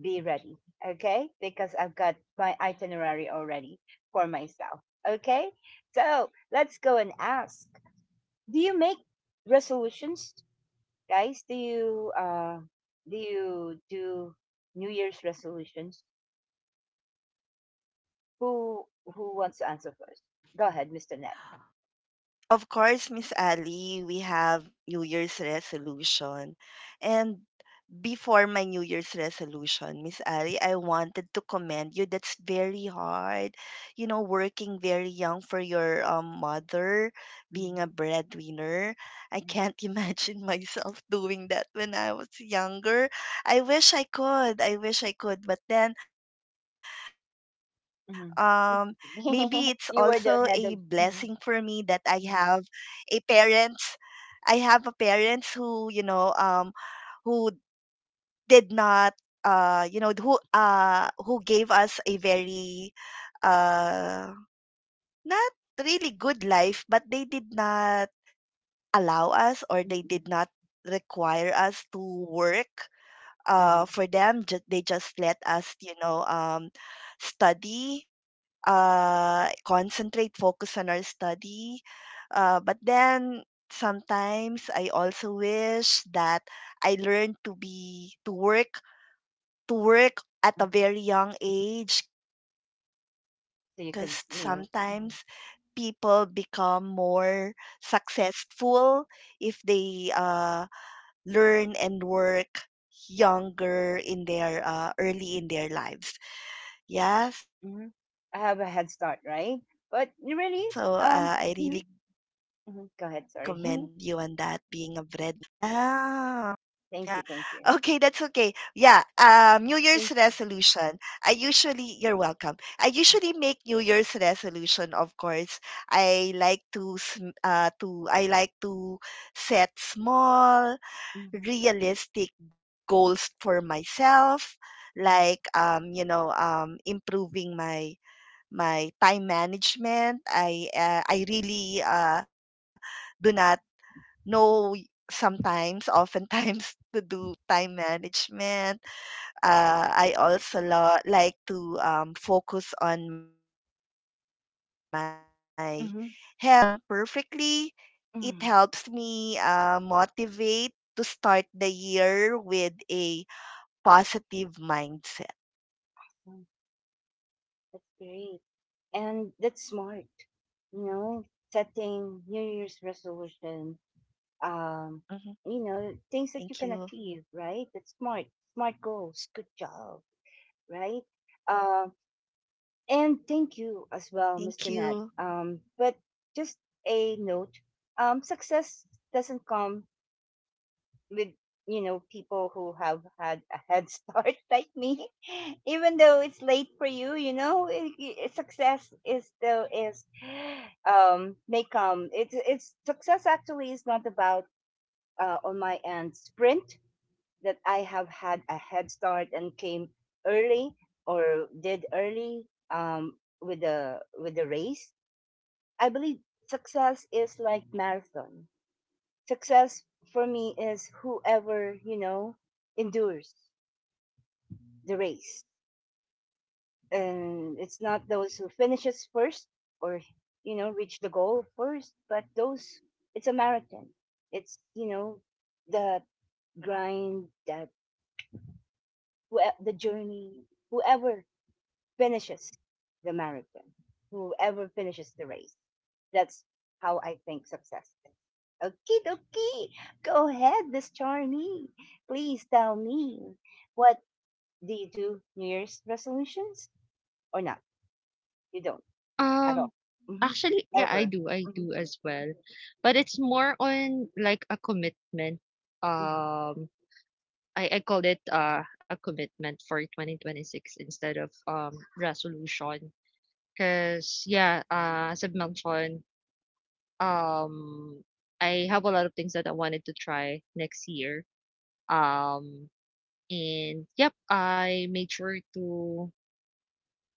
Speaker 1: be ready. Okay, because I've got my itinerary already for myself. Okay, so let's go and ask, do you make resolutions? Guys, do you uh do you do New Year's resolutions? Who who wants to answer first? Go ahead, mister Nat.
Speaker 3: Of course, Miss Ali, we have New Year's resolution. And before my New Year's resolution, Miss Ali, I wanted to commend you. That's very hard. You know, working very young for your um, mother, being a breadwinner. I
Speaker 1: Mm-hmm.
Speaker 3: can't imagine myself doing that when I was younger. I wish I could. I wish I could. But then um, maybe it's also a blessing for
Speaker 1: You
Speaker 3: me
Speaker 1: were
Speaker 3: that
Speaker 1: the
Speaker 3: I
Speaker 1: head of.
Speaker 3: have
Speaker 1: Mm-hmm.
Speaker 3: a parents.
Speaker 1: Mm-hmm.
Speaker 3: I have a parents who, you know, um, who did not uh you know who uh who gave us a very uh not really good life but they did not allow us or they did not
Speaker 1: Mm-hmm.
Speaker 3: require us to work uh for
Speaker 1: Mhm,
Speaker 3: them just they just let us you know um study uh concentrate focus on our study uh but then sometimes I also wish that I learned to be to work to work at a
Speaker 1: mhm.
Speaker 3: very young age because
Speaker 1: So you could,
Speaker 3: sometimes
Speaker 1: you know, mhm,
Speaker 3: people become more successful if they uh, learn and work younger in their uh, early in their lives. Yeah, so
Speaker 1: mhm.
Speaker 3: uh, I
Speaker 1: I have
Speaker 3: really
Speaker 1: a head
Speaker 3: commend
Speaker 1: start,
Speaker 3: you on
Speaker 1: right?
Speaker 3: that
Speaker 1: But
Speaker 3: being a
Speaker 1: you really, um,
Speaker 3: breadwinner.
Speaker 1: mhm, mhm. Go ahead. Sorry.
Speaker 3: Yeah. Yeah.
Speaker 1: Thank you, thank
Speaker 3: Okay,
Speaker 1: you.
Speaker 3: that's okay. Yeah. Um, New Year's
Speaker 1: Thank.
Speaker 3: resolution. I usually, you're welcome. I usually make New Year's resolution, of course. I like to, sm- uh, to, I like to set small,
Speaker 1: Mhm,
Speaker 3: realistic goals for myself, like, um, you know, um, improving my, my time management. I, uh, I really, uh, do not know y- sometimes, oftentimes to do time management. Uh, I also lo- like to um, focus on my health. So even if I don't
Speaker 1: mhm,
Speaker 3: achieve everything perfectly, it
Speaker 1: mhm.
Speaker 3: helps me uh, motivate to start the year with a positive mindset.
Speaker 1: So That's great, and that's smart. You know, setting New Year's
Speaker 3: Mhm.
Speaker 1: resolution. Um,
Speaker 3: Thank
Speaker 1: you
Speaker 3: you.
Speaker 1: know, things that you can achieve, right? That's smart. Smart goals. Good job, right? Um,
Speaker 3: Thank you.
Speaker 1: And thank you as well, mister Nat. Um, but just a note, um, success doesn't come with, you know, people who have had a head start like me. Even though it's late for you, you know, i- i- success is still is, um, may come. It's, it's success actually is not about, uh, on my end sprint that I have had a head start and came early or did early um, with the with the race. I believe success is like marathon. Success for me is whoever, you know, endures the race, and it's not those who finishes first or you know reach the goal first, but those it's a marathon. It's, you know, the grind that whoe- the journey whoever finishes the marathon, whoever finishes the race. That's how I think success is. Okay, okay. Go ahead, Miss Charmy. Please tell me, what do you do? New Year's resolutions or not? You don't
Speaker 2: Um,
Speaker 1: at all. Mm-hmm.
Speaker 2: actually, yeah, I
Speaker 1: Ever.
Speaker 2: do. I
Speaker 1: Mm-hmm.
Speaker 2: do as well. But it's more on like a commitment.
Speaker 1: Mm-hmm.
Speaker 2: Um, I, I call it, uh, a commitment for twenty twenty-six, instead of, um resolution. Because yeah, uh, as I've mentioned, um, I have a lot of things that I wanted to try next year. Um, and yep, I made sure to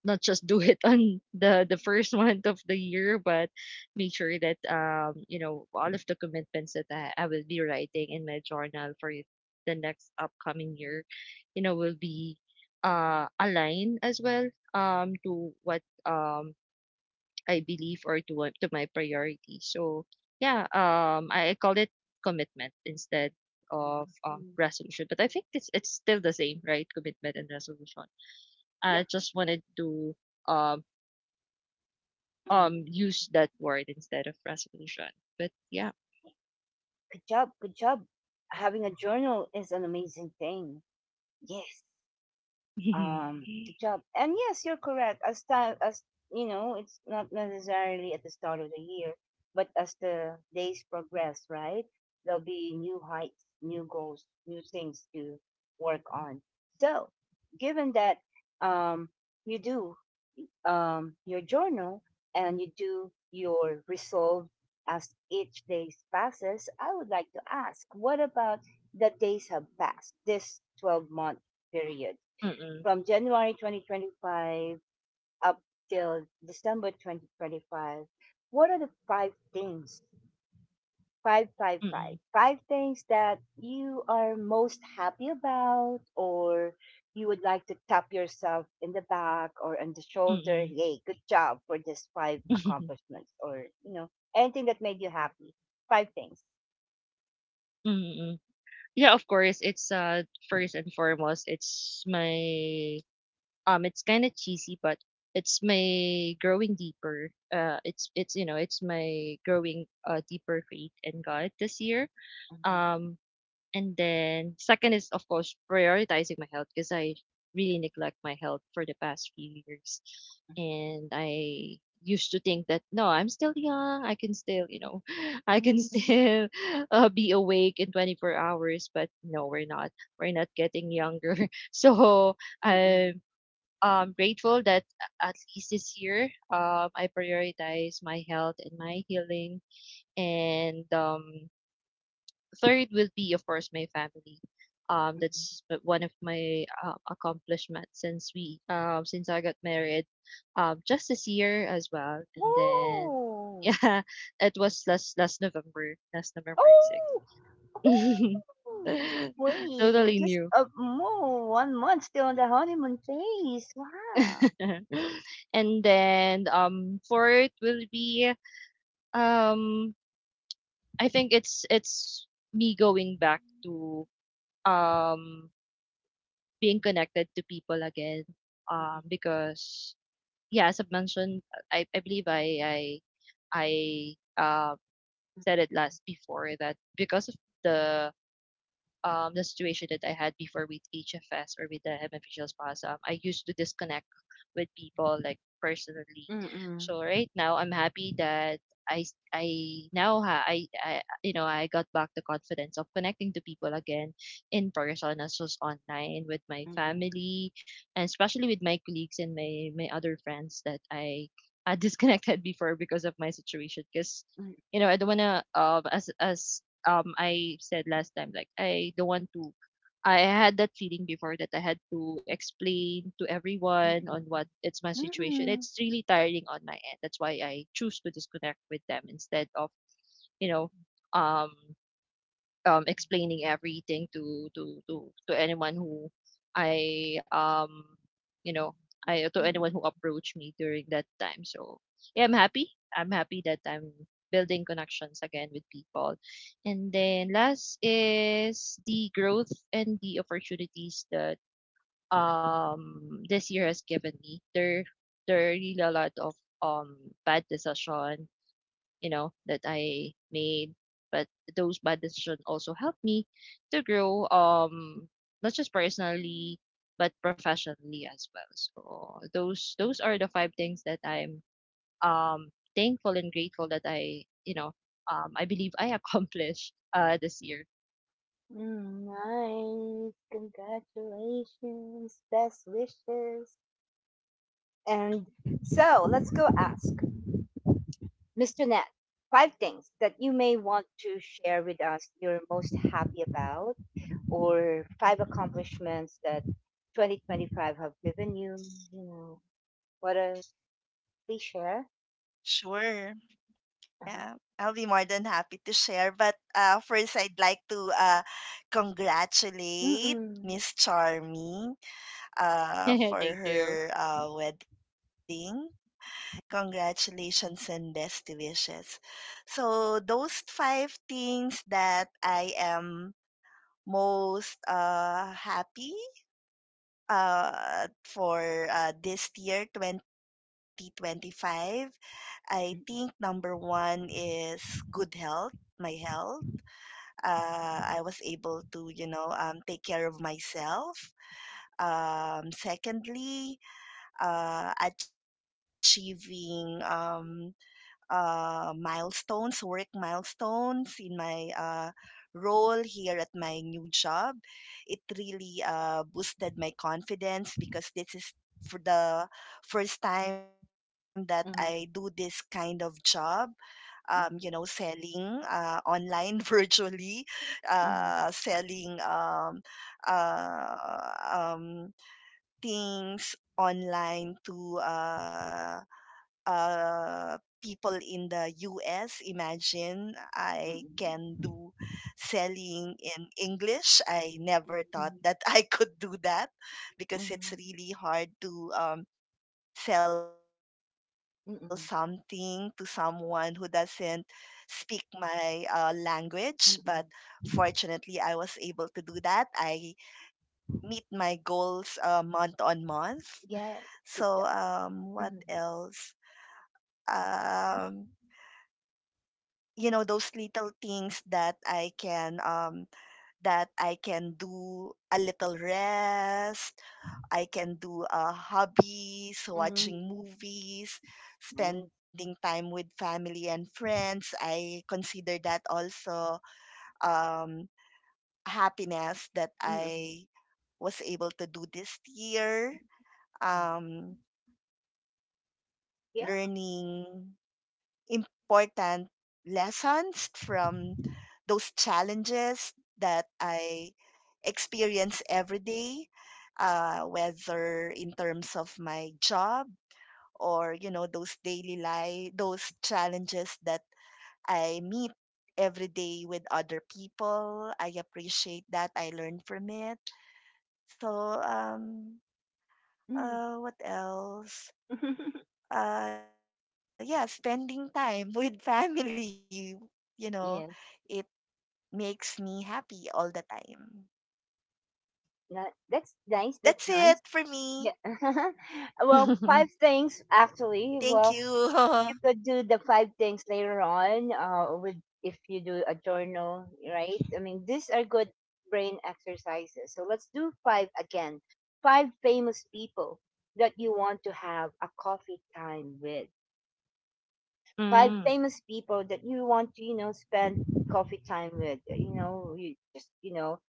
Speaker 2: not just do it on the the first month of the year, but make sure that, um you know all of the commitments that I, I will be writing in my journal for the next upcoming year, you know, will be uh aligned as well, um to what, um I believe, or to what, to my priority, so yeah. um I, I call it commitment instead of, um,
Speaker 1: Mm-hmm.
Speaker 2: resolution, but I think it's it's still the same, right? Commitment and resolution.
Speaker 1: Yeah.
Speaker 2: I just wanted to, um
Speaker 1: Mm.
Speaker 2: um use that word instead of resolution. But yeah.
Speaker 1: Good job, good job. Having a journal is an amazing thing. Yes. um the job and yes you're correct. As time, as you know, it's not necessarily at the start of the year, but as the days progress, right, there'll be new heights, new goals, new things to work on. So given that, um you do um your journal, and you do your resolve as each day passes. I would like to ask, what about the days have passed this twelve month period
Speaker 2: Mm-mm,
Speaker 1: from January twenty twenty-five up till December twenty twenty-five, what are the five things, five, five, five,
Speaker 2: mm-mm,
Speaker 1: five things that you are most happy about, or you would like to tap yourself in the back or on the shoulder?
Speaker 2: mm-mm,
Speaker 1: Hey, good job for these five accomplishments, or, you know, anything that made you happy. Five things.
Speaker 2: mm-mm. Yeah, of course, it's uh first and foremost, it's my um it's kind of cheesy, but it's my growing deeper. Uh it's it's you know, it's my growing uh deeper faith in God this year.
Speaker 1: Mhm,
Speaker 2: Um And then second is of course prioritizing my health because I really neglect my health for the past few years. And I used to think that no, I'm still young. I can still, you know, I
Speaker 1: mhm,
Speaker 2: can
Speaker 1: mhm,
Speaker 2: still uh, be awake in twenty-four hours, but no, we're not. We're not getting younger. So
Speaker 1: mhm,
Speaker 2: I'm um, grateful that a- at least this year um, I prioritize my health and my healing. And um, Third will be of course my family um that's
Speaker 1: mhm.
Speaker 2: uh, one of my uh, accomplishments since we um since I got married um just this year as well. And then
Speaker 1: Oh.
Speaker 2: yeah, it was last last november last november sixth.
Speaker 1: Oh! Oh! Wow,
Speaker 2: totally
Speaker 1: just
Speaker 2: new.
Speaker 1: a more one month still on the honeymoon phase. Wow.
Speaker 2: and then um fourth will be um I think it's it's me going back to um being connected to people again. Um, because yeah, as I've mentioned, I, I believe I I I uh, said it last before that because of the um, the situation that I had before with H F S or with the hemiphageal spasm, I used to disconnect with people like personally.
Speaker 1: Mm-mm,
Speaker 2: So right now, I'm happy that I, I now ha I, I you know I got back the confidence of connecting to people again in person as was online with my
Speaker 1: mm-mm,
Speaker 2: family, and especially with my colleagues and my my other friends that I had disconnected before because of my situation. Because
Speaker 1: mm,
Speaker 2: you know I don't wanna um as as um I said last time, like I don't want to, I had that feeling before that I had to explain to everyone on
Speaker 1: mm-mm,
Speaker 2: what it's my situation. It's
Speaker 1: Mm-mm.
Speaker 2: really tiring on my end. That's why I choose to disconnect with them instead of, you know, um um, explaining everything to to to to anyone who I um you know I to anyone who
Speaker 1: Mm-mm.
Speaker 2: approached me during that time. So yeah, I'm happy. I'm happy that I'm building connections again with people. And then last is the growth and the opportunities that um this year has given me. There there are really a lot of um bad decision, you know, that I made. But those bad decisions also helped me to grow, um, not just personally, but professionally as well. So those those are the five things that I'm um thankful and grateful that I, you know, um, I believe I accomplished uh this year.
Speaker 1: Mm, nice. Congratulations. Best wishes. And so let's go ask mister Nat five things that you may want to share with us you're most happy about, or five accomplishments that twenty twenty-five have given you. You know, what a please share?
Speaker 3: Sure.
Speaker 1: Uh-huh.
Speaker 3: Yeah, I'll be more than happy to share. But uh, first, I'd like to uh, congratulate
Speaker 1: Mm-mm.
Speaker 3: Miss Charming
Speaker 2: Thank
Speaker 3: uh, for
Speaker 2: you.
Speaker 3: her uh, wedding. Congratulations and best wishes. So, those five things that I am most uh, happy uh, for uh, this year, twenty twenty-five, I think number one is good health, my health. uh, I was able to, you know, um, take care of myself. Um, secondly, uh, achieving um, uh, milestones, work milestones in my uh, role here at my new job. It really uh, boosted my confidence because this is for the first time that I do this
Speaker 1: Mm-mm.
Speaker 3: kind of job. Um, you know,
Speaker 1: Mm-mm.
Speaker 3: selling uh, online virtually, uh,
Speaker 1: Mm-mm.
Speaker 3: selling um, uh, um, things online to uh, uh, people in the U S. Imagine I can do selling in English. I
Speaker 1: Mm-mm.
Speaker 3: never
Speaker 1: Mm-mm.
Speaker 3: thought that I could do that
Speaker 1: Mm-mm. Mm-mm.
Speaker 3: because it's really hard to um, sell something to
Speaker 1: Mm-mm.
Speaker 3: someone who doesn't speak my uh, language. But fortunately, I was able to do that. I meet my goals uh, month on month.
Speaker 1: Yeah,
Speaker 3: So,
Speaker 1: good job.
Speaker 3: um, what
Speaker 1: Mm-hmm.
Speaker 3: else? Um, you know those little things that i can um that I can do a little rest I can do uh
Speaker 1: Mm-hmm.
Speaker 3: hobbies watching movies
Speaker 1: Nice.
Speaker 3: spending time with family and friends I consider that also um
Speaker 1: Mm-hmm.
Speaker 3: happiness that I was able to do this
Speaker 1: Mm-hmm.
Speaker 3: year. um
Speaker 1: Yeah.
Speaker 3: learning important lessons from those challenges that I experience every day, uh, whether in terms of my job or, you know, those daily life, those challenges that I meet every day with other people. I appreciate that. I learn from it. So, um,
Speaker 1: Mm.
Speaker 3: uh, what else? Uh yeah, spending time with family, you know,
Speaker 1: Yeah.
Speaker 3: it makes me happy all the time.
Speaker 1: That, that's nice.
Speaker 3: That's
Speaker 1: That's
Speaker 3: it
Speaker 1: nice.
Speaker 3: for
Speaker 1: Yeah.
Speaker 3: me.
Speaker 1: Well,
Speaker 2: mm,
Speaker 1: five things actually. Well,
Speaker 3: Thank you.
Speaker 1: you could do the five things later on uh, with, if you do a journal, right? I mean, these are good brain exercises. So let's do five again. Five famous people that you want to have a coffee time with. Five famous people that you want to, you know, spend coffee time with. You know, you just, you know,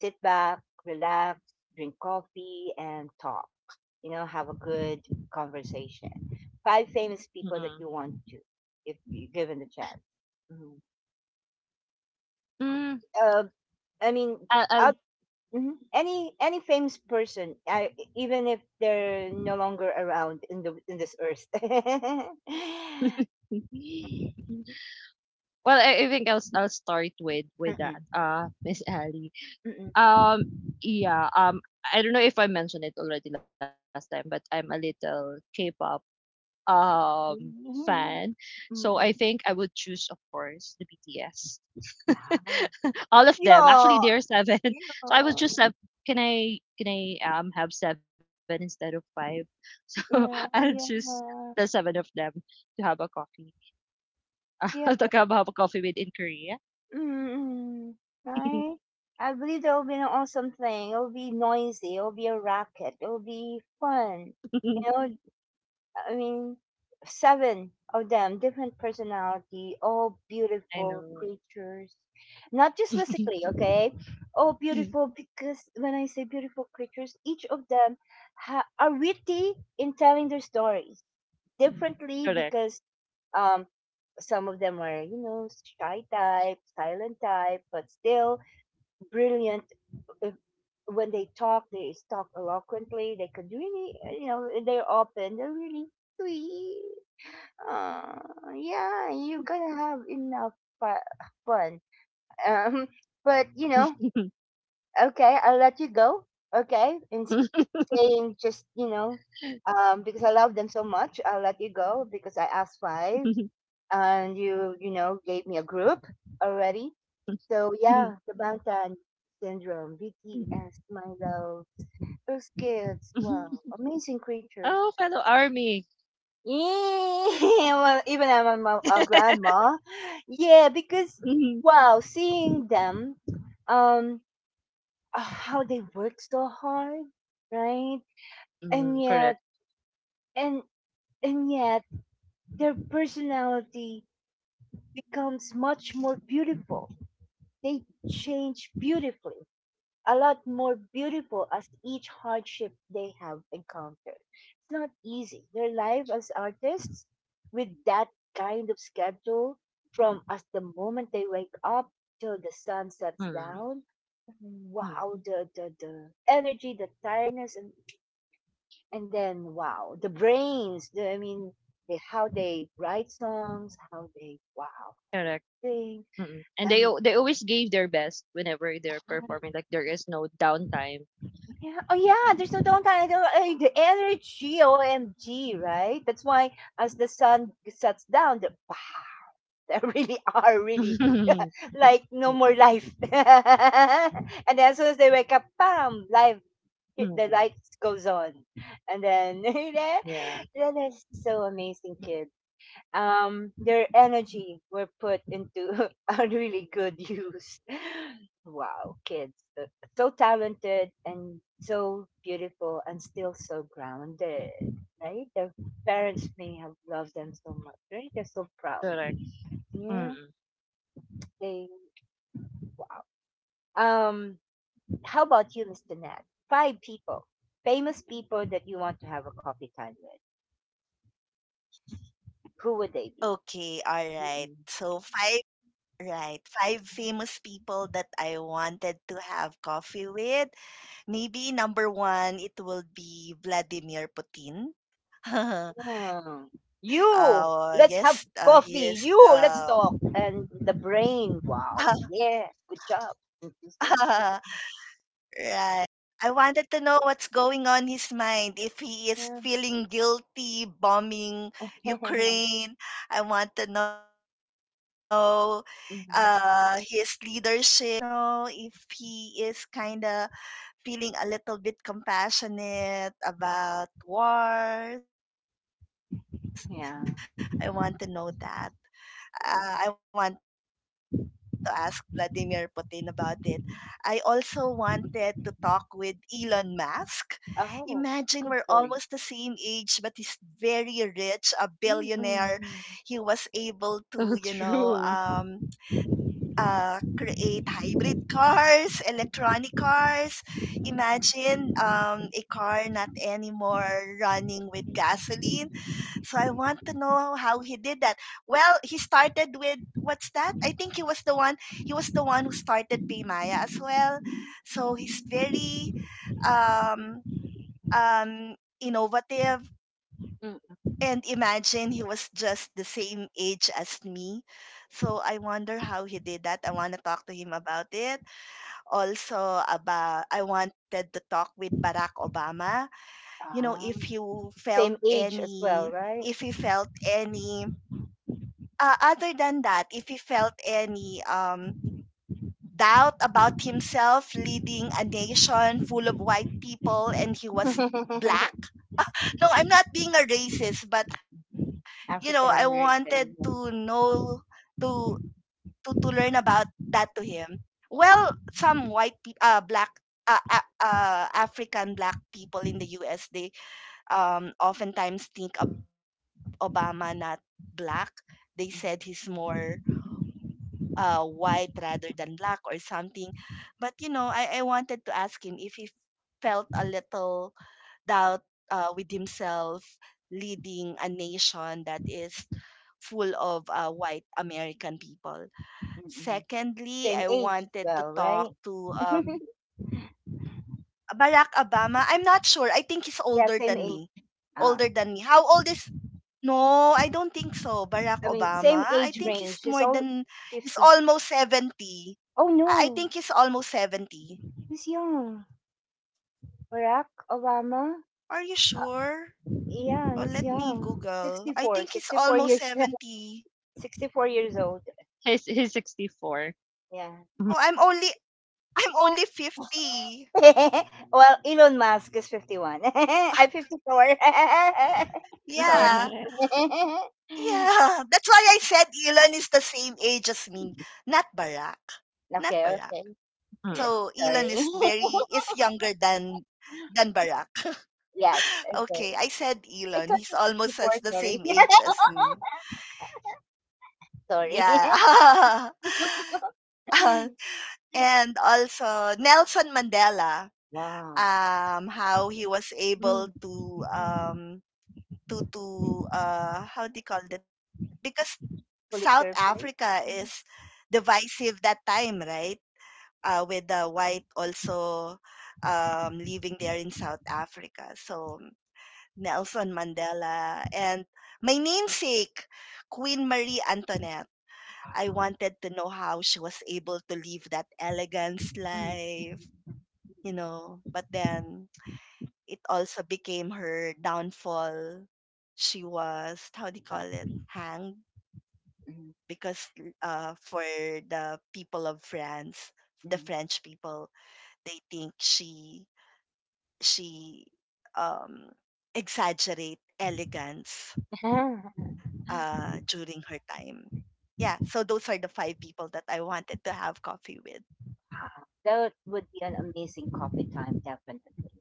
Speaker 1: sit back, relax, drink coffee, and talk. You know, have a good conversation. Five famous people
Speaker 2: mm-mm.
Speaker 1: that you want to, if you given the chance. Mhm.
Speaker 2: Mm,
Speaker 1: Uh, I mean,
Speaker 2: I'll, I'll
Speaker 1: out, mhm. any any famous person, I, even if they're no longer around in the in this earth.
Speaker 2: well, I, I think I'll I'll start with with that,
Speaker 1: Mm-mm.
Speaker 2: uh, Miss Ali.
Speaker 1: Mm-mm.
Speaker 2: Um, yeah, um, I don't know if I mentioned it already last time, but I'm a little K-pop um fan.
Speaker 1: Mm.
Speaker 2: So I think
Speaker 1: Mm-mm.
Speaker 2: I would choose, of course, the B T S. All of them. Actually,
Speaker 1: Yeah.
Speaker 2: there are seven. So I was
Speaker 1: Yeah,
Speaker 2: just have, can I can I um have seven instead of five? So I'll
Speaker 1: yeah,
Speaker 2: choose
Speaker 1: yeah,
Speaker 2: the
Speaker 1: yeah,
Speaker 2: seven of them to have a coffee,
Speaker 1: yeah.
Speaker 2: to have a coffee with in Korea.
Speaker 1: Mm-mm. Right? I believe that will be an awesome thing. It will be noisy. It will be a racket. It will be fun. You know, I mean, seven of them, different personality, all beautiful
Speaker 2: I know.
Speaker 1: creatures. Not just physically, okay? All beautiful, because when I say beautiful creatures, each of them ha- are witty in telling their stories differently,
Speaker 2: Correct.
Speaker 1: because um some of them are, you know, shy type, silent type, but still brilliant. If, When they talk, they talk eloquently. They could really, uh, you know, they're open, they're really sweet. uh, yeah, you're gonna have enough fu- fun. um but you know, okay, I'll let you go. Okay, in s- saying just, you know, um because I love them so much, I'll let you go, because I asked five and you you know, gave me a group already. So yeah, the Bangtan Syndrome, BTS,
Speaker 2: Hmm.
Speaker 1: my love. Those kids, wow, amazing creatures.
Speaker 2: Oh, fellow army.
Speaker 1: Yeah. Well, even I'm a, mo- a grandma. Yeah, because
Speaker 2: Mhm.
Speaker 1: wow, seeing them, um uh, how they work so hard, right? And
Speaker 2: Mm,
Speaker 1: yet,
Speaker 2: correct.
Speaker 1: and and yet their personality becomes much more beautiful. They change beautifully, a lot more beautiful as each hardship they have encountered. It's not easy. Their life as artists, with that kind of schedule, from as the moment they wake up till the sun sets
Speaker 2: Mm,
Speaker 1: down.
Speaker 2: mm,
Speaker 1: Wow, the, the, the energy, the tiredness, and, and then wow, the brains. The, I mean, the, how they write songs, how they wow,
Speaker 2: correct.
Speaker 1: they sing,
Speaker 2: Mm. And they al-
Speaker 1: and
Speaker 2: they always gave their best whenever they're performing. Like there is no downtime.
Speaker 1: Yeah. Oh, yeah. There's no downtime. There- eh, The energy, O M G, right? That's why as the sun sets down, the there really are really like no more
Speaker 2: Mm,
Speaker 1: life. And then as soon as they wake up, bam, life, hit- the
Speaker 2: mm.
Speaker 1: lights goes on, and then then
Speaker 2: Yeah,
Speaker 1: then it's so amazing, kids. Um their energy were put into a really good use. Wow, kids. uh, So talented and so beautiful and still so grounded, right? Their parents may have loved them so much, right? They're so proud.
Speaker 2: correct. Mm.
Speaker 1: Yeah, they, wow. Um, how about you, mister Nat? Five people, famous people that you want to have a coffee time with. Who would they be?
Speaker 3: Okay, all right, so five, right, five famous people that I wanted to have coffee with. Maybe number one, it will be Vladimir Putin.
Speaker 1: Yeah. You, let's have
Speaker 3: uh yes,
Speaker 1: coffee.
Speaker 3: uh,
Speaker 1: You,
Speaker 3: he
Speaker 1: let's
Speaker 3: is
Speaker 1: talk.
Speaker 3: the
Speaker 1: And the brain, wow. Yeah, good job. Interesting.
Speaker 3: right. I wanted to know what's going on his mind. If he is
Speaker 1: Yeah.
Speaker 3: feeling guilty bombing Ukraine, I want to know uh, his
Speaker 1: Mhm.
Speaker 3: leadership. You know, if he's being pressured. You know, if he is kind of feeling a little bit compassionate about wars. I want to know that.
Speaker 1: Yeah.
Speaker 3: uh, I want to ask Vladimir Putin about it. I also wanted to talk with Elon Musk. Imagine we're almost the same age, but he's
Speaker 1: Oh,
Speaker 3: very
Speaker 1: good choice.
Speaker 3: rich, a billionaire. He was able to, you
Speaker 1: Mm-mm.
Speaker 3: know, um,
Speaker 2: So
Speaker 3: uh,
Speaker 2: true.
Speaker 3: create hybrid cars, electronic cars. Imagine um, a
Speaker 1: Mm-mm.
Speaker 3: car not anymore running with gasoline. So I want to know how he did that. Well, he started with what's that? I think he was the one. He was the one who started Paymaya as well. So he's very um um innovative, and imagine he was just the same age as me. So I wonder how he did that. I want to talk to him about it. Also, about I wanted to talk with Barack Obama. You know,
Speaker 1: Ah,
Speaker 3: if you
Speaker 1: same
Speaker 3: felt
Speaker 1: age as well,
Speaker 3: any
Speaker 1: right?
Speaker 3: if he felt any uh, other than that, if he felt any um doubt about himself leading a nation full of white people and he was black. No, I'm not being a racist, but you know, I
Speaker 1: African
Speaker 3: wanted to
Speaker 1: American.
Speaker 3: know to to to learn about that to him. Well, some white pe- uh black uh, uh, uh African black people in the U S, they um oftentimes think of Obama not black. They said he's more uh white rather than black or something. But you know, I I wanted to ask him if he felt a little doubt uh, with himself leading a nation that is full of uh, white American people.
Speaker 1: Mm-mm.
Speaker 3: Secondly, I
Speaker 1: Same age as
Speaker 3: wanted to
Speaker 1: well,
Speaker 3: talk
Speaker 1: right?
Speaker 3: to um, Barack Obama. I'm not sure. I think he's
Speaker 1: Yeah,
Speaker 3: older
Speaker 1: same
Speaker 3: than me.
Speaker 1: age. Ah,
Speaker 3: Older than me. How old is no, I don't think so. Barack
Speaker 1: I mean, same
Speaker 3: Obama. I
Speaker 1: age
Speaker 3: think he's
Speaker 1: range. It's
Speaker 3: more
Speaker 1: all
Speaker 3: than he's
Speaker 1: fifties.
Speaker 3: almost seventy.
Speaker 1: Oh,
Speaker 3: I I
Speaker 1: no.
Speaker 3: think he's almost seventy.
Speaker 1: He's young. Barack Obama.
Speaker 3: Are you
Speaker 1: Uh,
Speaker 3: sure?
Speaker 1: yeah, he's
Speaker 3: Oh, let me
Speaker 1: young.
Speaker 3: Google.
Speaker 1: sixty-four,
Speaker 3: I think he's
Speaker 1: sixty-four years
Speaker 3: almost seventy.
Speaker 1: sixty-four years old.
Speaker 2: He's he's sixty four.
Speaker 3: Oh,
Speaker 1: Yeah.
Speaker 3: I'm only I'm only fifty.
Speaker 1: Well, Elon Musk is fifty-one. I'm fifty-four. Sorry.
Speaker 3: Yeah. Yeah. That's why I said Elon is the same age as me. Not Barack.
Speaker 1: Okay,
Speaker 3: Not Barack.
Speaker 1: okay.
Speaker 2: mm.
Speaker 3: So
Speaker 1: Sorry.
Speaker 3: Elon is very is younger than than Barack.
Speaker 1: Yes, okay.
Speaker 3: Okay, I said
Speaker 1: I thought
Speaker 3: Elon.
Speaker 1: it was
Speaker 3: He's almost
Speaker 1: sixty-four,
Speaker 3: as the
Speaker 1: sorry.
Speaker 3: same age as me.
Speaker 1: Sorry.
Speaker 3: Yeah. Uh, and also Nelson Mandela,
Speaker 1: Wow.
Speaker 3: um, how he was
Speaker 2: Bye
Speaker 3: able to
Speaker 1: Mm.
Speaker 3: um, to to uh how do you call that? Because South
Speaker 1: Pulitzer
Speaker 3: Africa
Speaker 1: Prize.
Speaker 3: is divisive that time, right? Uh, with the white also um, living there in South Africa. So Nelson Mandela and my namesake, Queen Marie Antoinette. I wanted to know how she was able to live that elegance
Speaker 1: Mm, mm,
Speaker 3: life, you know. But then it also became her downfall. She was, how do you call it, hanged
Speaker 1: mm,
Speaker 3: because uh, for the people of France, the
Speaker 1: mm,
Speaker 3: French people, they think she she um, exaggerate elegance
Speaker 1: mm.
Speaker 3: uh, during her time. Yeah, so those are the five people that I wanted to have coffee with.
Speaker 1: That would be an amazing coffee time, definitely.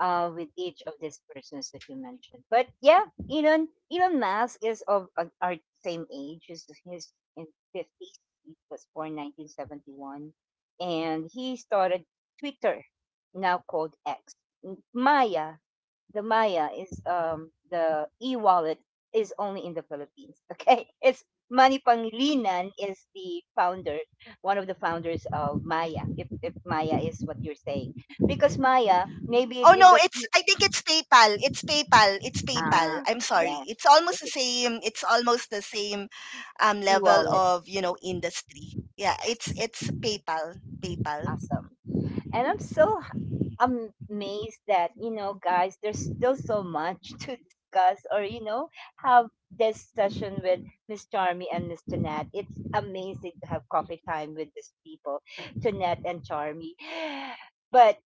Speaker 1: Uh, with each of these persons that you mentioned. But yeah, Elon Elon Musk is of uh, our same age. He's, he's in fifties. He was born nineteen seventy one, and he started Twitter, now called X. M- Maya, the Maya is um the e-wallet, is only in the Philippines. Okay, it's Manny Pangilinan is the founder, one of the founders of Maya. If if Maya is what you're saying, because Maya maybe if
Speaker 3: Oh
Speaker 1: you
Speaker 3: no,
Speaker 1: got
Speaker 3: it's I think it's PayPal. It's PayPal. It's PayPal.
Speaker 1: ah
Speaker 3: I'm
Speaker 1: yeah,
Speaker 3: sorry. It's almost
Speaker 1: it's
Speaker 3: the
Speaker 1: an
Speaker 3: same. It's almost the same um level
Speaker 1: e-wallet.
Speaker 3: of, you know, industry. Yeah, it's
Speaker 1: Yes,
Speaker 3: it's PayPal. PayPal.
Speaker 1: awesome. And I'm so i am- amazed that, you know, guys, there's still so much to discuss, or, you know, have this session with Miss Charmy and Mr. Nat. It's amazing to have coffee time with these people, to Nat and Charmy. But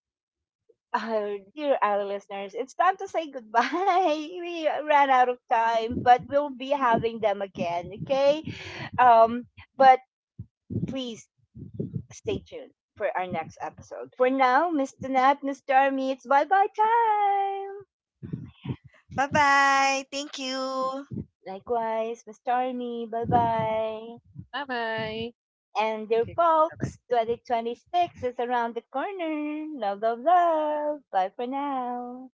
Speaker 1: uh, dear our listeners, it's time to say goodbye. We ran out of time, but we'll be having them again. Okay, um but please stay tuned for our next episode. For now, mister Nat, mister Army, it's bye bye time.
Speaker 3: Bye-bye. Thank you.
Speaker 1: Likewise, mister Army, bye bye.
Speaker 2: bye.
Speaker 1: And
Speaker 2: Thank you
Speaker 1: dear
Speaker 2: guys. Bye
Speaker 1: folks,
Speaker 2: bye.
Speaker 1: twenty twenty-six is around the corner. Love, love, love. Bye for now.